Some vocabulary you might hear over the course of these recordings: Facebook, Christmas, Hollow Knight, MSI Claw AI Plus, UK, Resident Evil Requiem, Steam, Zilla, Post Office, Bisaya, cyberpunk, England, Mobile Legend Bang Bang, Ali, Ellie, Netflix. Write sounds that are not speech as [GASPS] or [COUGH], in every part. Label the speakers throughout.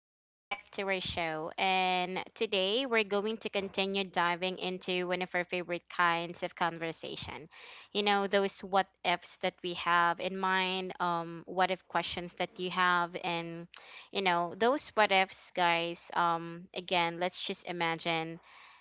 Speaker 1: Welcome back to our show. And today we're going to continue diving into one of our favorite kinds of conversation. You know, those what ifs that we have in mind, what if questions that you have, and, you know, those what ifs, guys. Again, let's just imagine,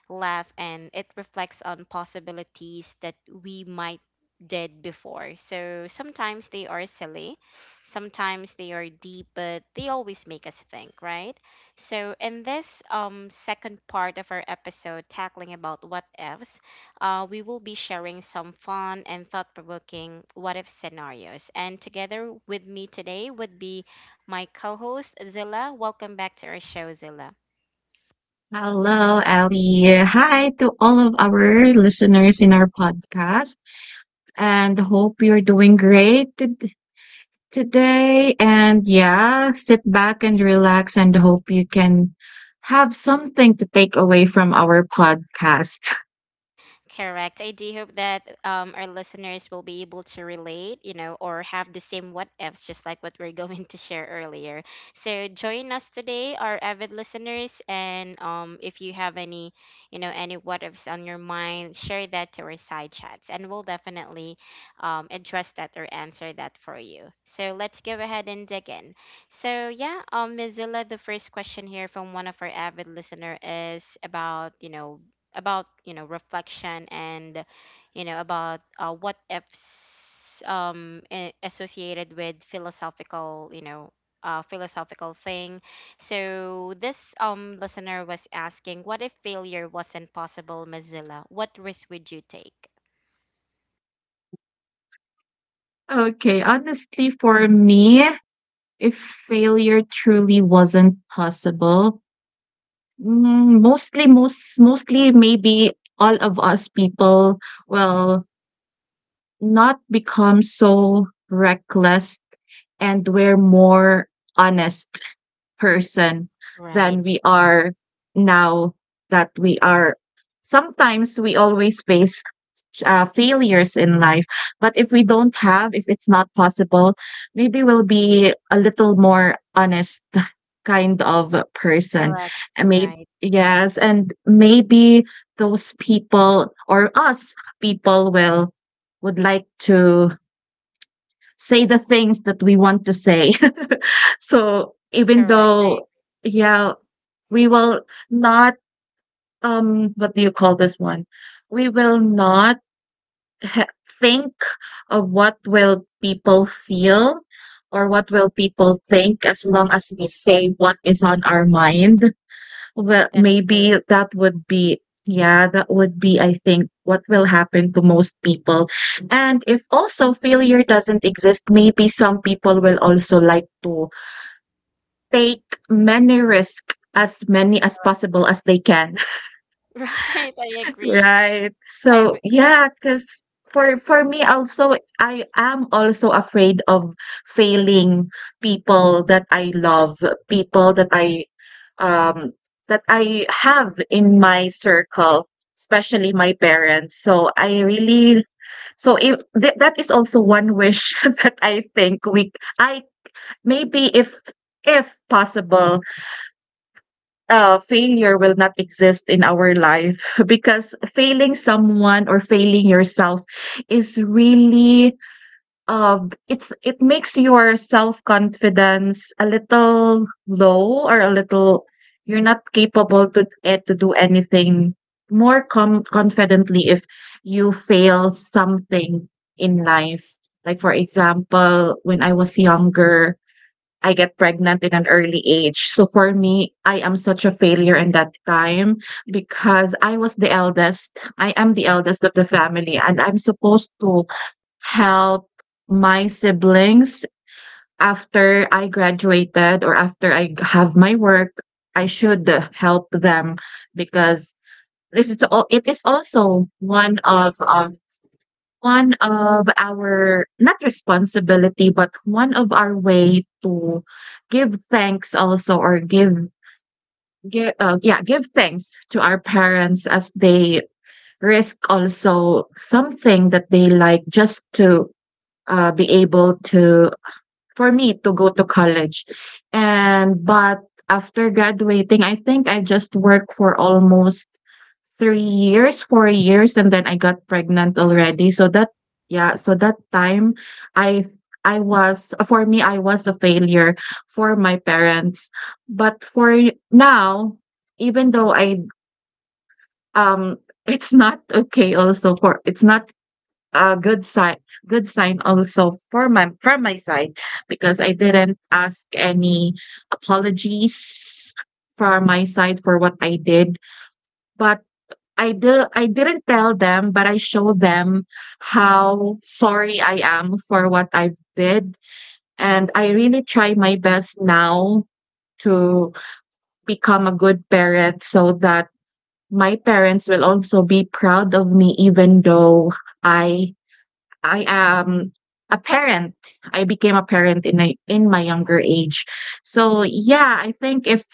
Speaker 1: laugh, and it reflects on possibilities that we might did before. So sometimes they are silly. Sometimes they are deep, but they always make us think, right? So in this second part of our episode tackling about what ifs, we will be sharing some fun and thought-provoking what if scenarios. And together with me today would be my co-host Zilla. Welcome back to our show, Zilla.
Speaker 2: Hello, Ali. Hi to all of our listeners in our podcast, and hope you're doing great today. And yeah, sit back and relax, and hope you can have something to take away from our podcast. [LAUGHS]
Speaker 1: Correct. I do hope that our listeners will be able to relate, you know, or have the same what ifs, just like what we're [LAUGHS] going to share earlier. So join us today, our avid listeners, and if you have any, you know, any what ifs on your mind, share that to our side chats, and we'll definitely address that or answer that for you. So let's go ahead and dig in. So yeah, Mozilla, the first question here from one of our avid listener is about you know reflection and you know about what ifs associated with philosophical you know philosophical thing. So this listener was asking, what if failure wasn't possible, Mozilla? What risk would you take?
Speaker 2: Okay, honestly, for me, if failure truly wasn't possible, maybe all of us people will not become so reckless, and we're more honest person than
Speaker 1: Right.
Speaker 2: we are now, that we are sometimes we always face failures in life. But if we don't have, if it's not possible, maybe we'll be a little more honest [LAUGHS] kind of a person.
Speaker 1: Correct.
Speaker 2: Maybe,
Speaker 1: Right.
Speaker 2: yes. And maybe those people or us people will would like to say the things that we want to say. [LAUGHS] So even
Speaker 1: Correct.
Speaker 2: though, yeah, we will not, what do you call this one? We will not he- think of what will people feel or what will people think, as long as we say what is on our mind. Well,
Speaker 1: That's true.
Speaker 2: maybe that would be, yeah, that would be, I think, what will happen to most people. And if also failure doesn't exist, maybe some people will also like to take many risk, as many as
Speaker 1: Correct.
Speaker 2: possible as they can.
Speaker 1: [LAUGHS] Right, I agree.
Speaker 2: Right.
Speaker 1: i
Speaker 2: So
Speaker 1: re-
Speaker 2: yeah, cause for me also, I am also afraid of failing people that I love, people um that I have in my circle, especially my parents. So I really, so if th that is also one wish [LAUGHS] that I think we I, maybe if possible, failure will not exist in our life. [LAUGHS] Because failing someone or failing yourself is really, uh, it's it makes your self confidence a little low, or a little you're not capable to to do anything more confidently if you fail something in life. Like for example, when I was younger, I get pregnant in an early age. So for me, I am such a failure in that time because I was the eldest. I am the eldest of the family, and I'm supposed to help my siblings after I graduated or after I have my work. I should help them because this is all, it is also one of our not responsibility, but one of our way to give thanks also, or give give give thanks to our parents, as they risk also something that they like just to, be able to for me to go to college. And but after graduating, I think I just worked for almost 3 years, 4 years, and then I got pregnant
Speaker 1: Mhm.
Speaker 2: already. So that, yeah, so that time I I was for me I was a failure for my parents. But for now, even though I um [LAUGHS] it's not okay also, for it's not a good sign, also for my from my side, because I didn't ask any apologies from my side for what I did. But I did, I didn't tell them, but I showed them how sorry I am for what I've did. And I really try my best now to become a good parent, so that my parents will also be proud of me, even though I am a parent. I became a parent in my younger age. So yeah, I think if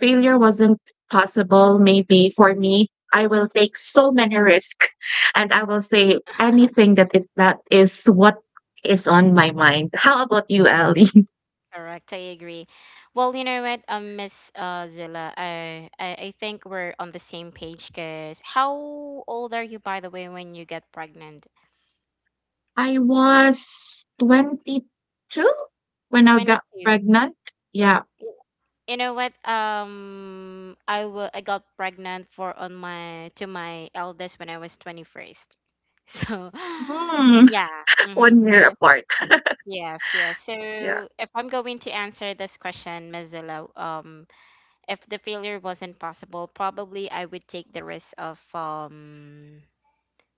Speaker 2: failure wasn't possible, maybe for me, I will take so many risks [LAUGHS] and I will say anything that that is what is on my mind. How about you, Ellie? [LAUGHS]
Speaker 1: Correct, I agree. Well, you know what, Miss Zilla, I think we're on the same page. Cause how old are you, by the way, when you get pregnant?
Speaker 2: I was 22 when I
Speaker 1: Twenty
Speaker 2: got
Speaker 1: two.
Speaker 2: pregnant. Yeah.
Speaker 1: You know what? I got pregnant for on my to my eldest when I was 21st. [LAUGHS] So,
Speaker 2: Hmm.
Speaker 1: yeah.
Speaker 2: [LAUGHS]
Speaker 1: Mm-hmm.
Speaker 2: One year
Speaker 1: So
Speaker 2: apart.
Speaker 1: yes, yes.
Speaker 2: Yeah.
Speaker 1: So if I'm going to answer this question, Miss Zilla, if the failure wasn't possible, probably I would take the risk of um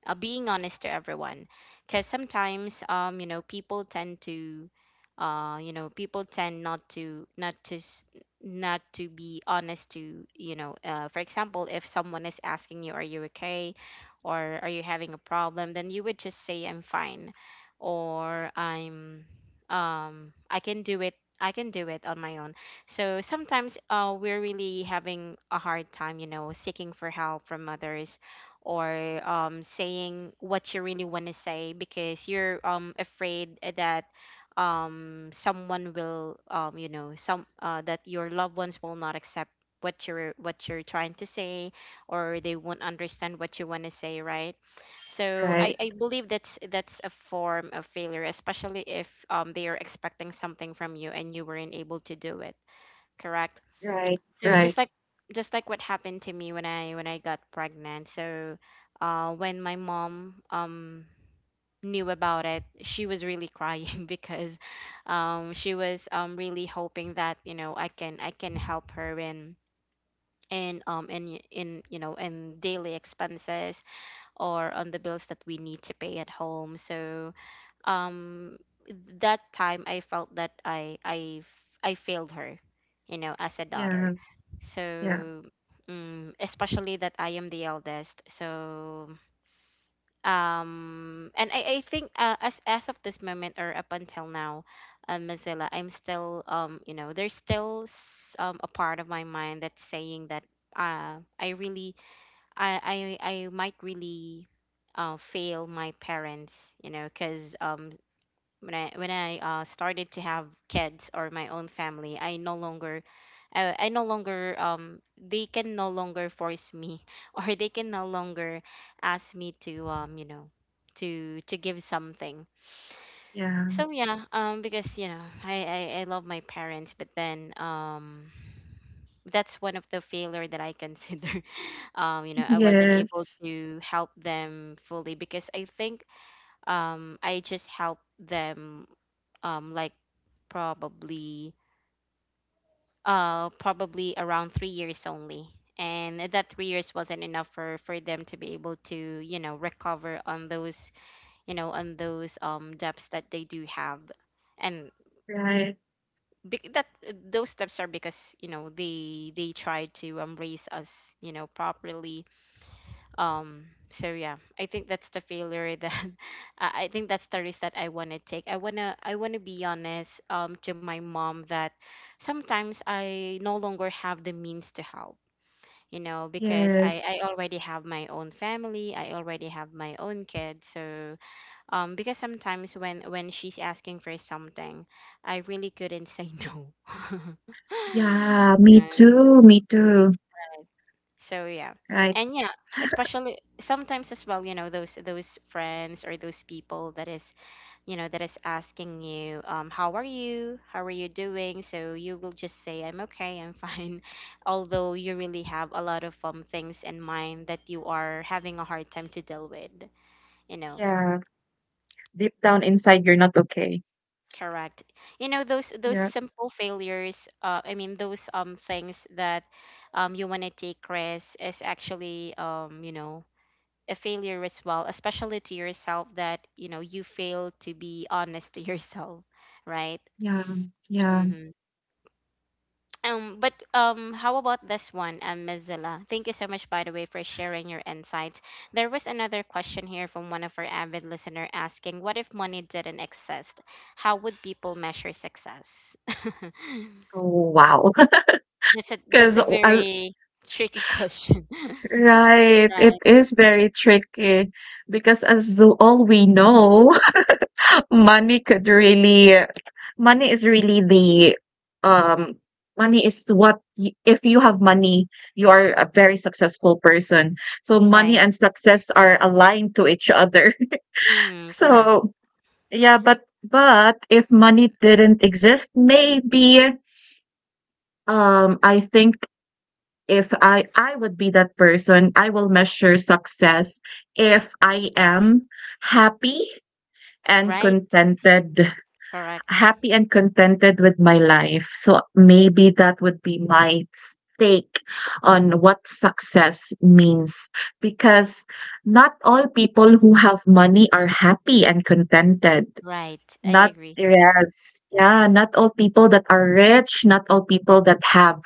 Speaker 1: uh, being honest to everyone, because sometimes you know people tend to people tend not to be honest to you know. For example, if someone is asking, you are you okay or are you having a problem, then you would just say, I'm fine, or I'm um i can do it I can do it on my own. So sometimes we're really having a hard time, you know, seeking for help from others, or saying what you really want to say, because you're afraid that someone will you know, some that your loved ones will not accept what you're trying to say, or they won't understand what you want to say, right? So
Speaker 2: Right.
Speaker 1: I believe that's a form of failure, especially if they are expecting something from you and you weren't able to do it. Correct.
Speaker 2: Right.
Speaker 1: So
Speaker 2: Right.
Speaker 1: just like what happened to me when I got pregnant. So when my mom knew about it, she was really crying [LAUGHS] because she was really hoping that, you know, I can help her in you know in daily expenses, or on the bills that we need to pay at home. So um that time I felt that I failed her, you know, as a daughter.
Speaker 2: Yeah. Yeah.
Speaker 1: So, mm, especially that I am the eldest. So, and I think as of this moment or up until now, Mozilla, I'm still you know, there's still a part of my mind that's saying that uh I really I I might really fail my parents, you know, because when I started to have kids or my own family, I no longer they can no longer force me [LAUGHS] or they can no longer ask me to to give something.
Speaker 2: Yeah.
Speaker 1: So yeah, because you know I love my parents, but then that's one of the failure that I consider. [LAUGHS] You know, I wasn't able
Speaker 2: Yes.
Speaker 1: to help them fully because I think I just helped them um like probably probably around 3 years only, and that 3 years wasn't enough for them to be able to you know recover on those on those debts that they do have. And
Speaker 2: Right.
Speaker 1: bec- that those steps are because you know they tried to raise us you know properly. um so yeah, I think that's the failure that [LAUGHS] I think that's the risk that I want to take. I want to be honest to my mom that sometimes I no longer have the means to help, you know, because I
Speaker 2: Yes.
Speaker 1: already have my own family, I already have my own kids. So because sometimes when she's asking for something, I really couldn't say no. [LAUGHS]
Speaker 2: Yeah. Me
Speaker 1: Right.
Speaker 2: too. Me too.
Speaker 1: So yeah.
Speaker 2: Right.
Speaker 1: And yeah, especially sometimes as well, you know, those friends or those people that is, you know, that is asking you, how are you? How are you doing? So you will just say, I'm okay, I'm fine. [LAUGHS] Although you really have a lot of things in mind that you are having a hard time to deal with, you know.
Speaker 2: Yeah. Deep down inside, you're not okay.
Speaker 1: Correct. You know those
Speaker 2: Yeah.
Speaker 1: simple failures, I mean those things that you want to take risks is actually you know a failure as well, especially to yourself that, you know, you fail to be honest to [LAUGHS] yourself, right?
Speaker 2: Yeah. Yeah.
Speaker 1: Mm-hmm. But how about this one, Ms. Zilla? Thank you so much, by the way, for sharing your insights. There was another question here from one of our avid listener asking, "What if money didn't exist? How would people measure success?" [LAUGHS]
Speaker 2: Oh, wow. [LAUGHS]
Speaker 1: That's
Speaker 2: Because,
Speaker 1: a very tricky question, [LAUGHS]
Speaker 2: right. It
Speaker 1: right?
Speaker 2: is very tricky because as all we know, money could really, money is really the, um money is what you, if you have money, you are a very successful person. So money
Speaker 1: Right.
Speaker 2: and success are aligned to each other. [LAUGHS]
Speaker 1: Mm-hmm. Correct.
Speaker 2: So, yeah, but if money didn't exist, maybe, I think if I, I would be that person, I will measure success if I am happy and
Speaker 1: Right.
Speaker 2: contented,
Speaker 1: Correct.
Speaker 2: happy and contented with my life. So maybe that would be my take on what success means, because not all people who have money are happy and contented.
Speaker 1: Right. I
Speaker 2: Not
Speaker 1: agree.
Speaker 2: yes, yeah, not all people that are rich, not all people that have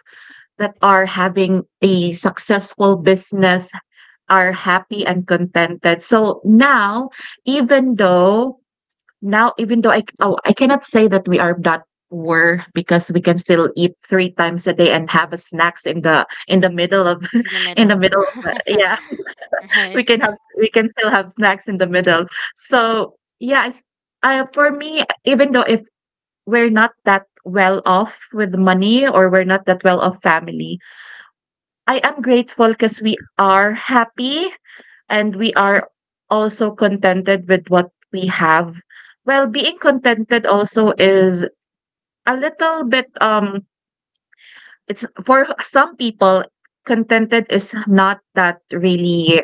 Speaker 2: that are having a successful business are happy and contented. So even though now, even though I cannot say that we are that poor, because we can still eat three times a day and have a snacks in the middle of
Speaker 1: In the
Speaker 2: [LAUGHS] in the
Speaker 1: middle.
Speaker 2: middle of,
Speaker 1: [LAUGHS]
Speaker 2: yeah, [LAUGHS] we
Speaker 1: Right.
Speaker 2: can have, we can still have snacks in the middle. So yeah, it's, for me, even though if we're not that well off with money, or we're not that well off family, I am grateful because we are happy and we are also contented with what we have. Well, being contented also is a little bit it's for some people contented is not that really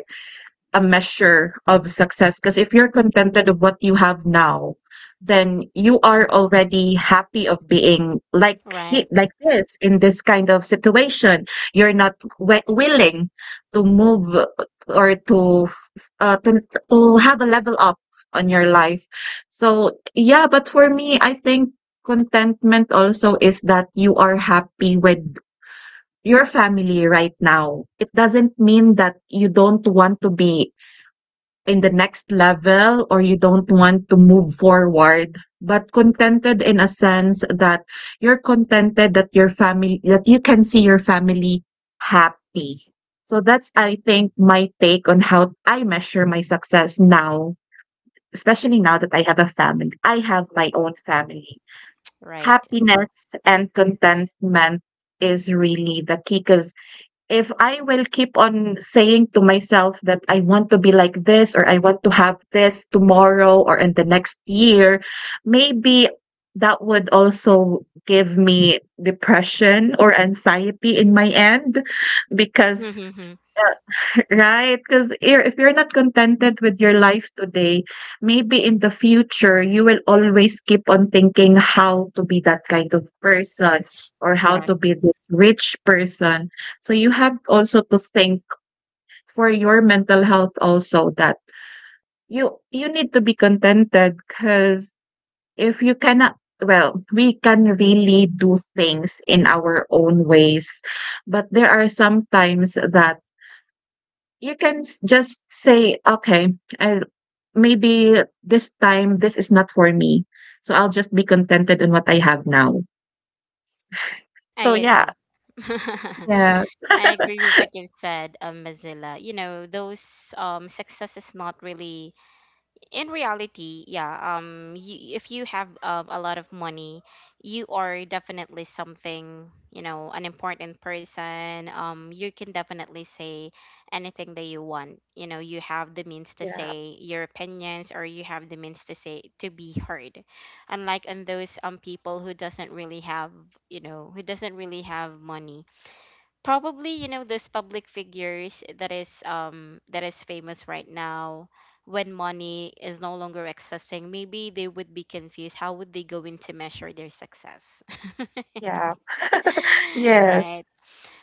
Speaker 2: a measure of success, because if you're contented of what you have now, then you are already happy of being like,
Speaker 1: Right.
Speaker 2: like this, in this kind of situation you're not willing to move or to, uh, to, to have a level up on your life. So yeah, but for me I think contentment also is that you are happy with your family right now. It doesn't mean that you don't want to be in the next level, or you don't want to move forward, but contented in a sense that you're contented that your family, that you can see your family happy. So that's, I think, my take on how I measure my success now, especially now that I have a family, I have my own family.
Speaker 1: Right.
Speaker 2: Happiness and contentment is really the key, because if I will keep on saying to myself that I want to be like this, or I want to have this tomorrow or in the next year, maybe that would also give me depression or anxiety in my end because,
Speaker 1: Mhm.
Speaker 2: right, because if you're not contented with your life today, maybe in the future you will always keep on thinking how to be that kind of person, or how
Speaker 1: Correct.
Speaker 2: to be the rich person. So you have also to think for your mental health also, that you need to be contented because if you cannot, well, we can really do things in our own ways, but there are some times that you can just say, okay, I, maybe this time this is not for me. So I'll just be contented on what I have now.
Speaker 1: I
Speaker 2: So yeah,
Speaker 1: agree. [LAUGHS]
Speaker 2: yeah,
Speaker 1: I agree with what you've said, Mozilla. You know, those success is not really, in reality, yeah, if you have a lot of money, you are definitely something, you know, an important person. You can definitely say anything that you want. You know, you have the means to
Speaker 2: yeah,
Speaker 1: say your opinions, or you have the means to say to be heard. Unlike on those people who doesn't really have, you know, who doesn't really have money. Probably you know those public figures that is famous right now, when money is no longer accessing, maybe they would be confused how would they going to measure their success. [LAUGHS]
Speaker 2: yeah,
Speaker 1: [LAUGHS]
Speaker 2: yes,
Speaker 1: Right.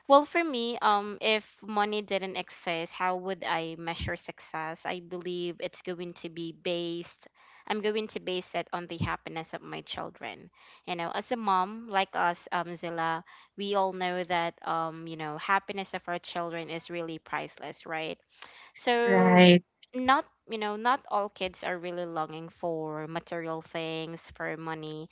Speaker 1: Well, for me, if money didn't exist, how would I measure success? I believe it's going to be based. I'm going to base it on the happiness of my children. You know, as a mom, like us, Zilla, we all know that, you know, happiness of our children is really priceless, right? So
Speaker 2: right,
Speaker 1: not you know not all kids are really longing for material things for money,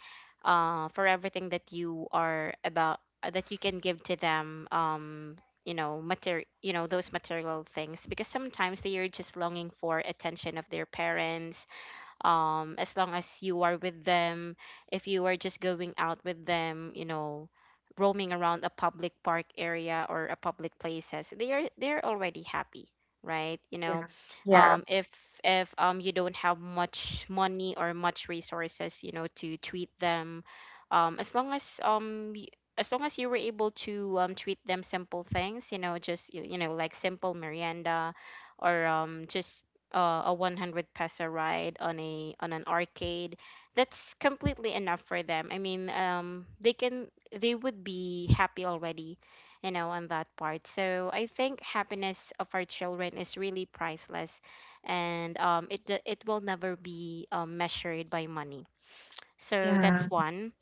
Speaker 1: for everything that you are about that you can give to them. You know, those material things, because sometimes they are just longing for attention of their parents. As long as you are with them, if you are just going out with them, you know, roaming around a public park area or a public places, they're already happy, right? You know,
Speaker 2: yeah, yeah,
Speaker 1: um if if you don't have much money or much resources, you know, to treat them, um as long as um y- as long as you were able to treat them simple things, you know, just you, you know, like simple merienda, or just a 100 peso ride on a on an arcade, that's completely enough for them. I mean, they can, they would be happy already, you know, on that part. So I think happiness of our children is really priceless, and it will never be measured by money. So that's
Speaker 2: yeah,
Speaker 1: one.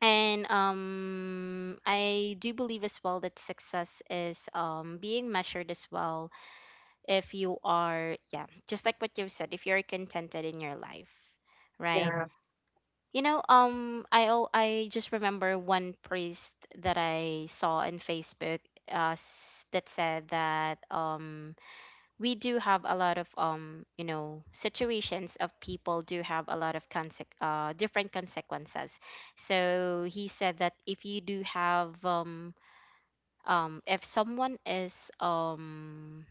Speaker 1: And I do believe as well that success is being measured as well if you are, yeah, just like what you've said, if you're contented in your life, right?
Speaker 2: yeah,
Speaker 1: You know, I just remember one priest that I saw on Facebook, that said that we do have a lot of you know situations of people do have a lot of different consequences. So he said that if you do have if someone is um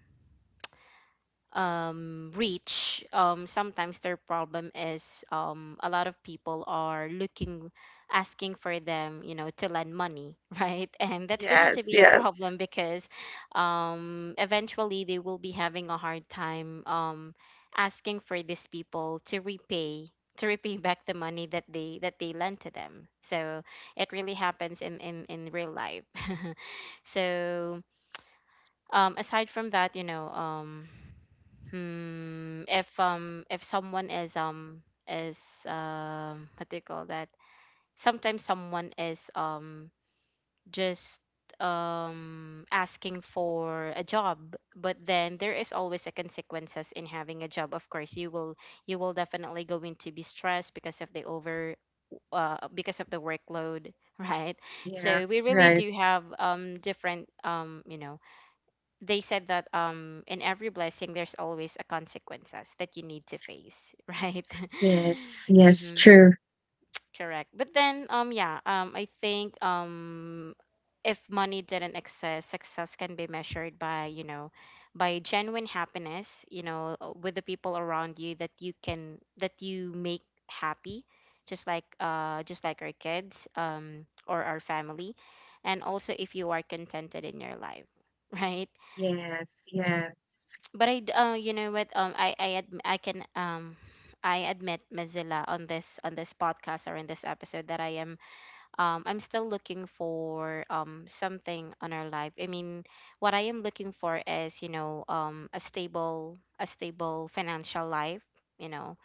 Speaker 1: um, reach, sometimes their problem is, a lot of people are looking, asking for them, you know, to lend money, [LAUGHS] right? And that's going to
Speaker 2: yes,
Speaker 1: be a
Speaker 2: yes,
Speaker 1: problem because, eventually they will be having a hard time, asking for these people to repay, back the money that they lent to them. So it really happens in real life. [LAUGHS] so aside from that, you know, hmm, if if someone is what do you call that? Sometimes someone is just asking for a job, but then there is always a consequences in having a job. Of course, you will, you will definitely going to be stressed because of the over, because of the workload, [LAUGHS] right?
Speaker 2: yeah,
Speaker 1: So we really
Speaker 2: right,
Speaker 1: do have, different, you know, they said that, in every blessing there's always a consequences that you need to face, [LAUGHS] right?
Speaker 2: yes, yes,
Speaker 1: Mm-hmm,
Speaker 2: true,
Speaker 1: correct. But then um yeah um I think, if money didn't exist, success can be measured by, you know, by genuine happiness, you know, with the people around you, that you can, that you make happy, just like, just like our kids, or our family. And also, if you are contented in your life, [LAUGHS] right?
Speaker 2: yes, yes,
Speaker 1: But you know what? I can, I admit, Mozilla, on this podcast, or in this episode, that I'm still looking for, something on our life. I mean, what I am looking for is, you know, a stable financial life. You know,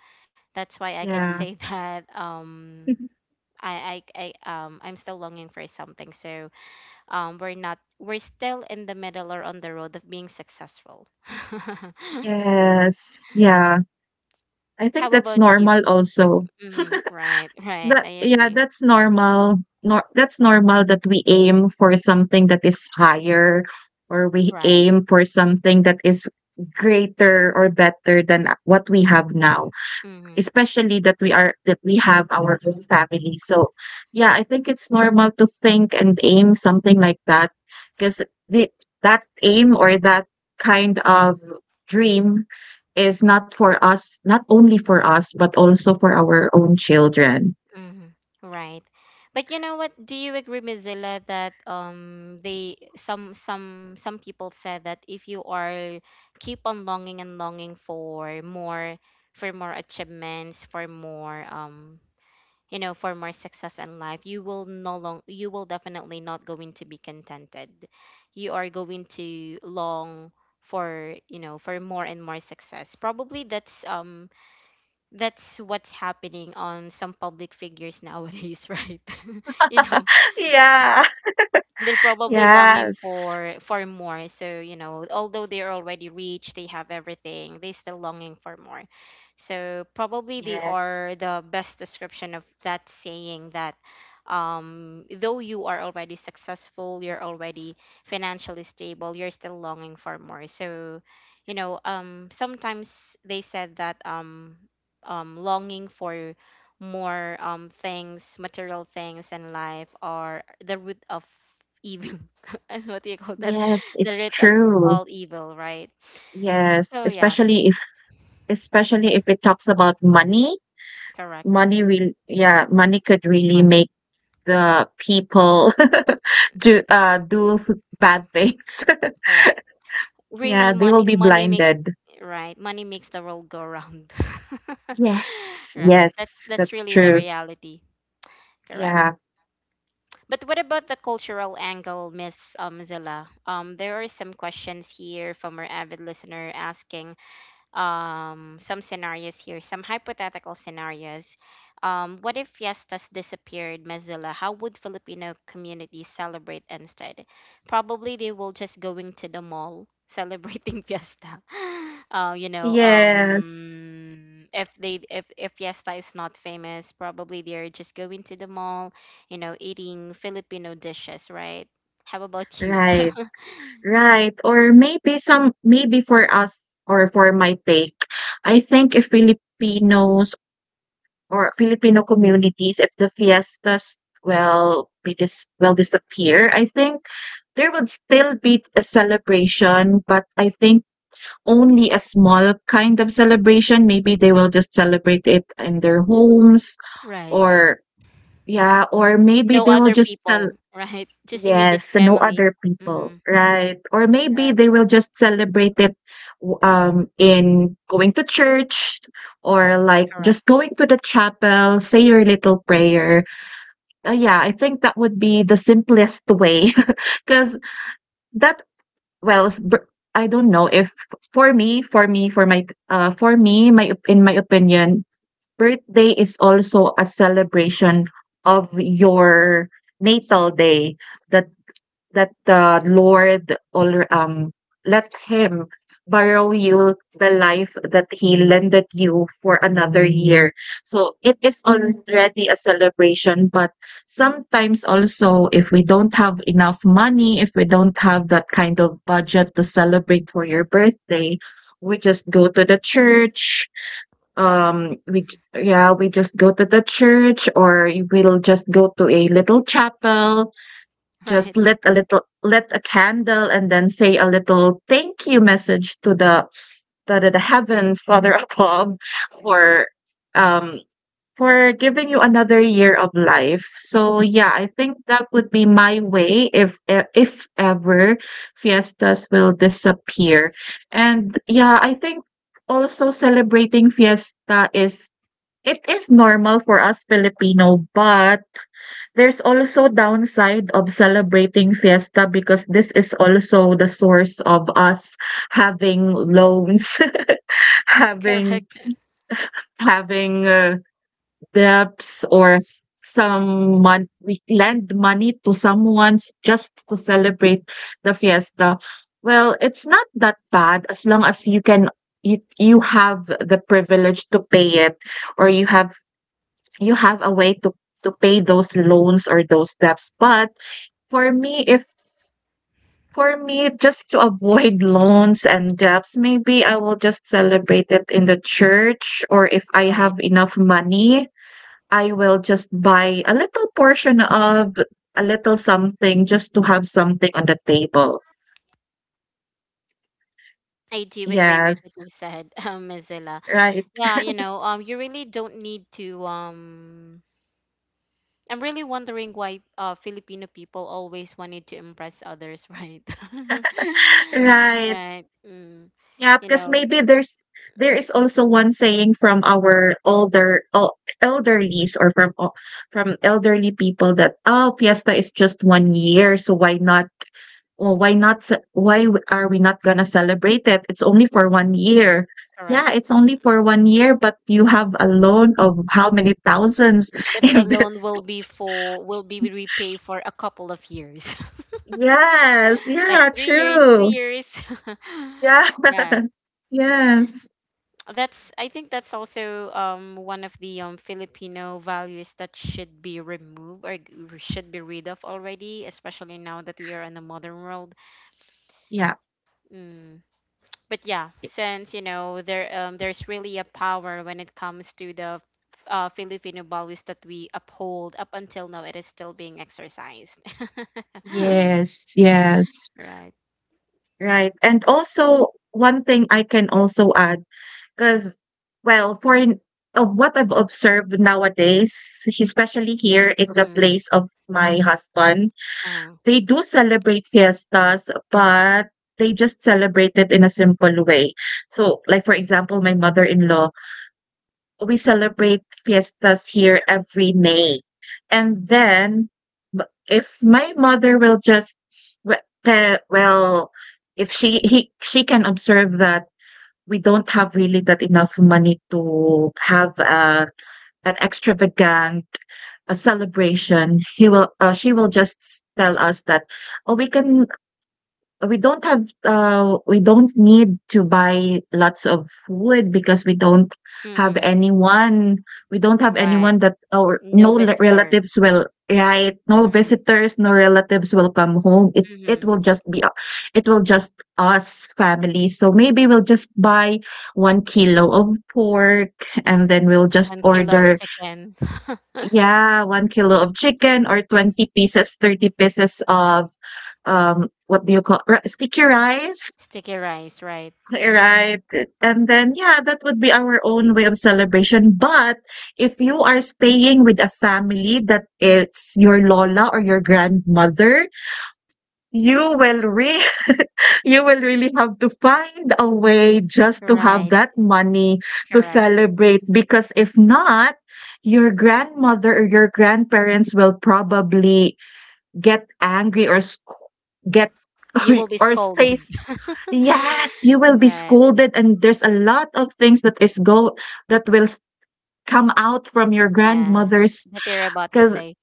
Speaker 1: that's why I can
Speaker 2: yeah,
Speaker 1: say, [LAUGHS] that.
Speaker 2: [LAUGHS]
Speaker 1: I I'm still longing for something. So, we're not, we're still in the middle, or on the road, of being successful. [LAUGHS]
Speaker 2: yes, yeah. I think
Speaker 1: How
Speaker 2: that's
Speaker 1: about you?
Speaker 2: normal also.
Speaker 1: Mm, right, right.
Speaker 2: That
Speaker 1: I
Speaker 2: yeah,
Speaker 1: agree.
Speaker 2: that's normal. Nor That's normal that we aim for something that is higher, or we
Speaker 1: Right.
Speaker 2: aim for something that is greater or better than what we have now,
Speaker 1: Mm,
Speaker 2: especially that we are that we have our own family. So yeah, I think it's normal to think and aim something like that, because the, that aim or that kind of dream is not for us, not only for us, but also for our own children.
Speaker 1: mm, right.
Speaker 2: [LAUGHS]
Speaker 1: But you know what? Do you agree, Mozilla, that, they, some people said, that if you are keep on longing and longing for more, for more achievements, for more, you know, for more success in life, you will no long, you will definitely not going to be contented. You are going to long for, you know, for more and more success. Probably that's, that's what's happening on some public figures nowadays. [LAUGHS] Right? [LAUGHS] You know,
Speaker 2: Yeah.
Speaker 1: they're probably longing
Speaker 2: Yes.
Speaker 1: for, more. So, you know, although they're already rich, they have everything, they still longing for more. So probably they are
Speaker 2: Yes.
Speaker 1: the best description of that saying that, though you are already successful, you're already financially stable, you're still longing for more. So you know, sometimes they said that, longing for more, things, material things in life, are the root of evil. [LAUGHS] And what do you call that?
Speaker 2: Yes,
Speaker 1: The
Speaker 2: it's
Speaker 1: root of
Speaker 2: true.
Speaker 1: all evil, right?
Speaker 2: Yes,
Speaker 1: So yeah,
Speaker 2: especially if, especially if it talks about money.
Speaker 1: correct.
Speaker 2: Money will, yeah, money could really
Speaker 1: Money,
Speaker 2: make the people [LAUGHS] do, do bad things.
Speaker 1: correct,
Speaker 2: [LAUGHS] Yeah,
Speaker 1: really
Speaker 2: they will
Speaker 1: money,
Speaker 2: be
Speaker 1: money make,
Speaker 2: blinded.
Speaker 1: right, money makes the world go round. [LAUGHS]
Speaker 2: Yes,
Speaker 1: Right, that's
Speaker 2: yes,
Speaker 1: that's
Speaker 2: that's
Speaker 1: really the
Speaker 2: true.
Speaker 1: reality. Correct.
Speaker 2: Yeah,
Speaker 1: But what about the cultural angle, Miss, Zilla? There are some questions here from our avid listener, asking, some scenarios here, some hypothetical scenarios. What if fiestas disappeared, Mozilla? How would Filipino communities celebrate instead? Probably they will just going to the mall celebrating [LAUGHS] fiesta. You know,
Speaker 2: yes,
Speaker 1: if they, if fiesta is not famous, probably they're just going to the mall, you know, eating Filipino dishes, right? How about you?
Speaker 2: right,
Speaker 1: [LAUGHS]
Speaker 2: right. Or maybe some, maybe for us, or for my take, I think if Filipinos, or Filipino communities, if the fiestas will be will disappear, I think there would still be a celebration, but I think only a small kind of celebration. Maybe they will just celebrate it in their homes,
Speaker 1: Right.
Speaker 2: or yeah, or maybe
Speaker 1: No
Speaker 2: they will
Speaker 1: other
Speaker 2: just
Speaker 1: people,
Speaker 2: celebrate.
Speaker 1: right? [LAUGHS] Just
Speaker 2: Yes,
Speaker 1: immediate
Speaker 2: no
Speaker 1: family.
Speaker 2: other people,
Speaker 1: Mm-hmm.
Speaker 2: right? Or maybe they
Speaker 1: Correct.
Speaker 2: will just celebrate it in going to church, or like
Speaker 1: Correct.
Speaker 2: just going to the chapel, say your little prayer. Yeah, I think that would be the simplest way [LAUGHS] because that, well, I don't know if, for me, for me, for my, for me, my in my opinion, birthday is also a celebration of your natal day, the, let the Lord alre let him borrow you the life that he lended you for another year. So it is already a celebration, but sometimes also if we don't have enough money, if we don't have that kind of budget to celebrate for your birthday, we just go to the church.
Speaker 1: Correct. [LAUGHS]
Speaker 2: We j yeah, we just go to the church we'll just go to a little chapel,
Speaker 1: Right.
Speaker 2: just lit a candle and then say a little thank you message to the heaven father [LAUGHS] above for um for giving you another year of life. So yeah, I think that would be my way if ever fiestas will disappear. And yeah, I think also celebrating fiesta is it is normal for us Filipino, but there's also downside of celebrating fiesta because this is also the source of us having loans, [LAUGHS] having
Speaker 1: Correct.
Speaker 2: having debts or some mon we lend money to someone just to celebrate the fiesta. Well, it's not that bad as long as you can you you have the privilege to pay it, or you have a way to pay those loans or those debts. But for me, if for me, just to avoid loans and debts, maybe I will just celebrate it in the church, or if I
Speaker 1: Right.
Speaker 2: have enough money, I will just buy a little portion of a little something just to have something on the table.
Speaker 1: I do agree
Speaker 2: Yes,
Speaker 1: with what you said, [LAUGHS] Ms. Zilla.
Speaker 2: right,
Speaker 1: Yeah, you know, you really don't need to. I'm really wondering why, Filipino people always wanted to impress others, right? [LAUGHS]
Speaker 2: right.
Speaker 1: Right. Mm.
Speaker 2: Yeah,
Speaker 1: You
Speaker 2: because
Speaker 1: know,
Speaker 2: maybe there is also one saying from our elderlies or from elderly people that, oh, fiesta is just 1 year, so why not. "Oh, why not ce why w- are we not gonna celebrate it? It's only for 1 year." Yeah,
Speaker 1: correct.
Speaker 2: it's only for 1 year, but you have a loan of how many thousands [LAUGHS]
Speaker 1: But the
Speaker 2: in this.
Speaker 1: loan will be for, will be repay for a couple of years,
Speaker 2: Yes,
Speaker 1: like
Speaker 2: yeah,
Speaker 1: 3 years, two
Speaker 2: true.
Speaker 1: years.
Speaker 2: Yeah.
Speaker 1: [LAUGHS]
Speaker 2: [LAUGHS]
Speaker 1: Yeah,
Speaker 2: Yes.
Speaker 1: that's. I think that's also, one of the, Filipino values that should be removed, or g-, r- should be rid of already, especially now that we are in the modern world.
Speaker 2: Yeah.
Speaker 1: Mm. But yeah, since you know, there, there's really a power when it comes to the, Filipino values that we uphold up until now, it is still being exercised. [LAUGHS]
Speaker 2: Yes, yes.
Speaker 1: Right.
Speaker 2: Right, and also, one thing I can also add, because well, for in of what I've observed nowadays, especially here in the
Speaker 1: Mm.
Speaker 2: place of my husband,
Speaker 1: Uh,
Speaker 2: they do celebrate fiestas, but they just celebrate it in a simple way. So, like, for example, my mother-in-law, we celebrate fiestas here every May. And then, if my mother will just, well, if she he, she can observe that we don't have really that enough money to have an extravagant a celebration, he will she will just tell us that, oh, we can we don't have we don't need to buy lots of food because we don't have
Speaker 1: mm.
Speaker 2: anyone, we don't have
Speaker 1: Right.
Speaker 2: anyone that or
Speaker 1: No
Speaker 2: no
Speaker 1: visitor.
Speaker 2: relatives will right, no
Speaker 1: Mm-hmm.
Speaker 2: visitors, no relatives will come home, it
Speaker 1: Mm-hmm.
Speaker 2: will just be u- it will just us family. So maybe we'll just buy 1 kilo of pork and then we'll just
Speaker 1: 1 kilo of
Speaker 2: order.
Speaker 1: chicken. [LAUGHS]
Speaker 2: Yeah, 1 kilo of chicken or 20 pieces, 30 pieces of, what do you call ri sticky rice,
Speaker 1: Sticky rice, right?
Speaker 2: [LAUGHS] right? And then, yeah, that would be our own way of celebration. But if you are staying with a family that it's your lola or your grandmother, You will re [LAUGHS] you will really have to find a way just to have
Speaker 1: Right,
Speaker 2: that money to
Speaker 1: correct.
Speaker 2: celebrate, because if not, your grandmother or your grandparents will probably get angry or sc- get [LAUGHS]
Speaker 1: You will be
Speaker 2: or say
Speaker 1: scolded.
Speaker 2: s-
Speaker 1: [LAUGHS]
Speaker 2: yes, you will be
Speaker 1: Right.
Speaker 2: scolded, and there's a lot of things that is go that will s- come out from your
Speaker 1: Yeah.
Speaker 2: grandmother's
Speaker 1: That they're about to
Speaker 2: because.
Speaker 1: say.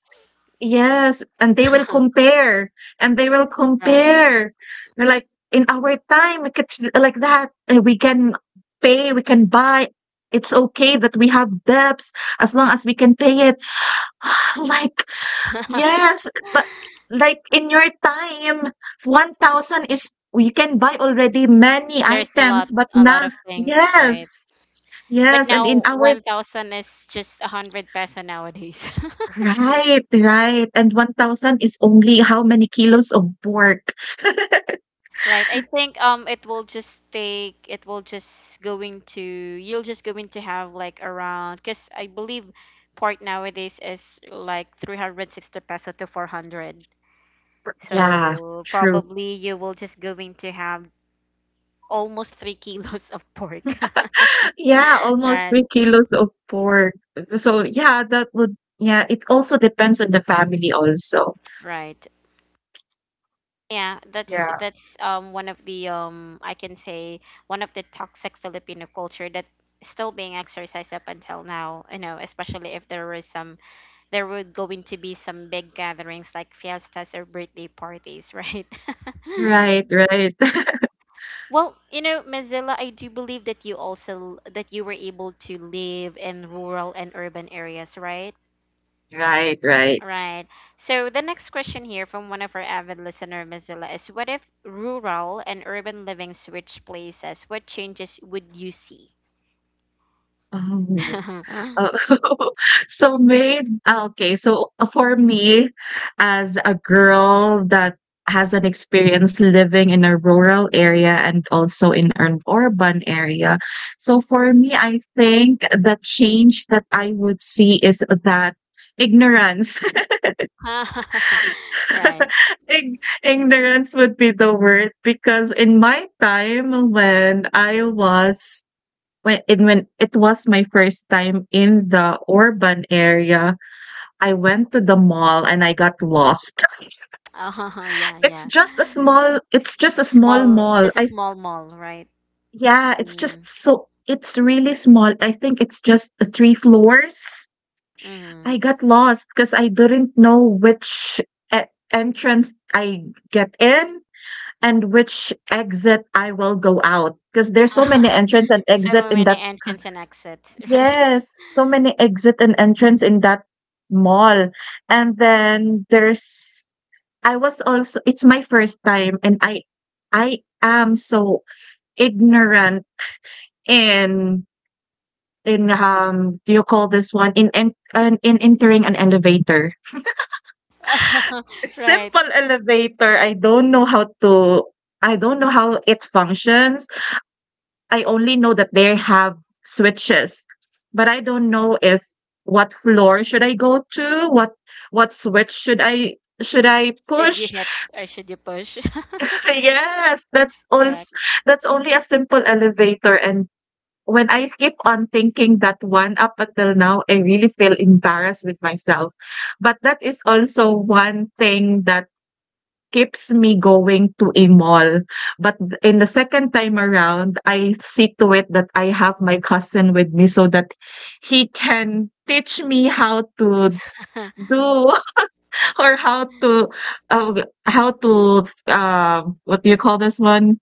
Speaker 2: Yes, and they will
Speaker 1: [LAUGHS]
Speaker 2: compare, and they will
Speaker 1: Right.
Speaker 2: compare. They're like, "In our time, we could s like that, and we can pay, we can buy. It's okay that we have debts as long as we can pay it." [SIGHS] Like,
Speaker 1: [LAUGHS]
Speaker 2: yes, but like in your time, 1,000 is you can buy already many
Speaker 1: There's a lot,
Speaker 2: items, but
Speaker 1: a lot
Speaker 2: now
Speaker 1: of things, right?
Speaker 2: yes,
Speaker 1: But
Speaker 2: yes, and in
Speaker 1: now
Speaker 2: our.
Speaker 1: 1,000 is just a 100 peso nowadays. [LAUGHS]
Speaker 2: Right, right, and 1,000 is only how many kilos of pork? [LAUGHS]
Speaker 1: Right. I think, it will just take, it will just going to, you'll just going to have like around, because I believe part nowadays is like 360 peso to 400.
Speaker 2: Yeah,
Speaker 1: So
Speaker 2: true.
Speaker 1: probably you will just going to have almost 3 [LAUGHS] kilos of pork. [LAUGHS]
Speaker 2: Yeah, almost
Speaker 1: Right,
Speaker 2: 3 kilos of pork. So, yeah, that would yeah, it also depends on the family also.
Speaker 1: right. Yeah, that's
Speaker 2: Yeah.
Speaker 1: that's um, one of the, I can say one of the toxic Filipino culture that still being exercised up until now. You know, especially if there were some, there were going to be some big gatherings like fiestas or birthday parties, right? [LAUGHS]
Speaker 2: Right, right. [LAUGHS]
Speaker 1: Well, you know, Mozilla, I do believe that you also, that you were able to live in rural and urban areas, right?
Speaker 2: Right, right.
Speaker 1: Right. So the next question here from one of our avid listener, Mozilla, is what if rural and urban living switch places? What changes would you see?
Speaker 2: Um
Speaker 1: [LAUGHS]
Speaker 2: [LAUGHS] So made okay, so for me, as a girl that has an experience living in a rural area and also in an urban area. So for me, I think the change that I would see is that ignorance.
Speaker 1: Right. [LAUGHS]
Speaker 2: [LAUGHS] Ignorance would be the word because in my time when I was when it was my first time in the urban area, I went to the mall and I got lost. [LAUGHS]
Speaker 1: Oh, yeah,
Speaker 2: It's
Speaker 1: yeah.
Speaker 2: just a small, it's just a small
Speaker 1: Small,
Speaker 2: mall.
Speaker 1: just a
Speaker 2: I
Speaker 1: small mall, right?
Speaker 2: yeah, it's just
Speaker 1: Mm.
Speaker 2: so it's really small. I think it's just 3 floors.
Speaker 1: Mm.
Speaker 2: I got lost because I didn't know which e entrance I get in and which exit I will go out. Because there's so many
Speaker 1: [LAUGHS]
Speaker 2: entrance and exit
Speaker 1: So
Speaker 2: in
Speaker 1: many
Speaker 2: that.
Speaker 1: entrance and exits. [LAUGHS]
Speaker 2: Yes, so many exit and entrance in that mall, and then there's I was also it's my first time, and I am so ignorant in in, do you call this one, in entering an elevator.
Speaker 1: Right. [LAUGHS] Right.
Speaker 2: Simple elevator, I don't know how to I don't know how it functions. I only know that they have switches, but I don't know if what floor should I go to, what what switch should I
Speaker 1: Should you
Speaker 2: push?
Speaker 1: hit or
Speaker 2: S
Speaker 1: should you push? [LAUGHS]
Speaker 2: [LAUGHS] Yes, that's
Speaker 1: Correct.
Speaker 2: als that's only a simple elevator, and when I keep on thinking that one up until now, I really feel embarrassed with myself. But that is also one thing that keeps me going to a mall. But in the second time around, I see to it that I have my cousin with me so that he can teach me how to
Speaker 1: [LAUGHS]
Speaker 2: do [LAUGHS] or how to what do you call this one?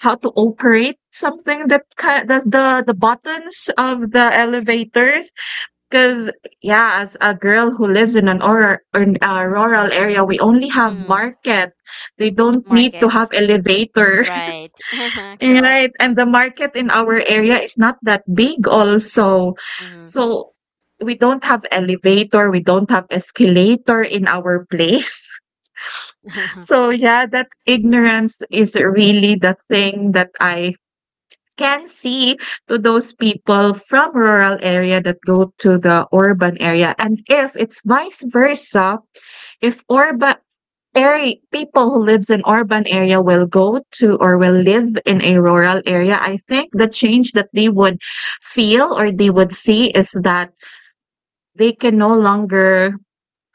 Speaker 2: How to operate something that the buttons of the elevators. Because, yeah, as a girl who lives in an or a rural area, we only have
Speaker 1: Mm.
Speaker 2: market. They don't need to
Speaker 1: Market.
Speaker 2: have elevator,
Speaker 1: Right. [LAUGHS]
Speaker 2: [LAUGHS]
Speaker 1: Correct.
Speaker 2: right? And the market in our area is not that big also.
Speaker 1: Mm. [LAUGHS]
Speaker 2: So we don't have elevator, we don't have escalator in our place. [LAUGHS] So yeah, that ignorance is really the thing that I can see to those people from rural area that go to the urban area. And if it's vice versa, if urban area people who lives in urban area will go to or will live in a rural area, I think the change that they would feel or they would see is that they can no longer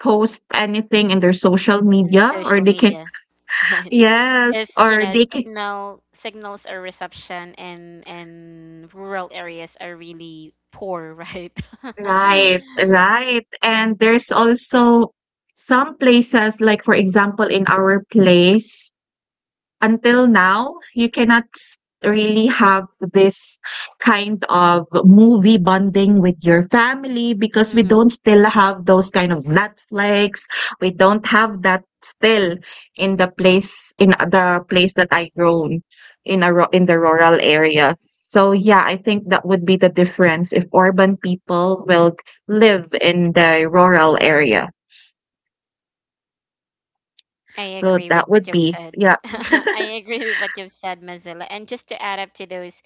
Speaker 2: post anything in their social
Speaker 1: And
Speaker 2: media, or
Speaker 1: social
Speaker 2: they can
Speaker 1: media. [LAUGHS] Right.
Speaker 2: yes
Speaker 1: Is, you
Speaker 2: or
Speaker 1: know,
Speaker 2: they can.
Speaker 1: signal, signals or reception in rural areas are really poor, right?
Speaker 2: Right,
Speaker 1: [LAUGHS]
Speaker 2: right. And there's also some places, like for example, in our place, until now, you cannot really have this kind of movie bonding with your family because we
Speaker 1: Mm-hmm.
Speaker 2: don't still have those kind of Netflix. We don't have that still in the place that I grown in in the rural area. So yeah, I think that would be the difference if urban people will live in the rural area.
Speaker 1: I
Speaker 2: So
Speaker 1: agree with
Speaker 2: that
Speaker 1: what
Speaker 2: would
Speaker 1: you've
Speaker 2: be,
Speaker 1: said.
Speaker 2: yeah.
Speaker 1: [LAUGHS] I agree with what you've said, Mozilla. And just to add up to those,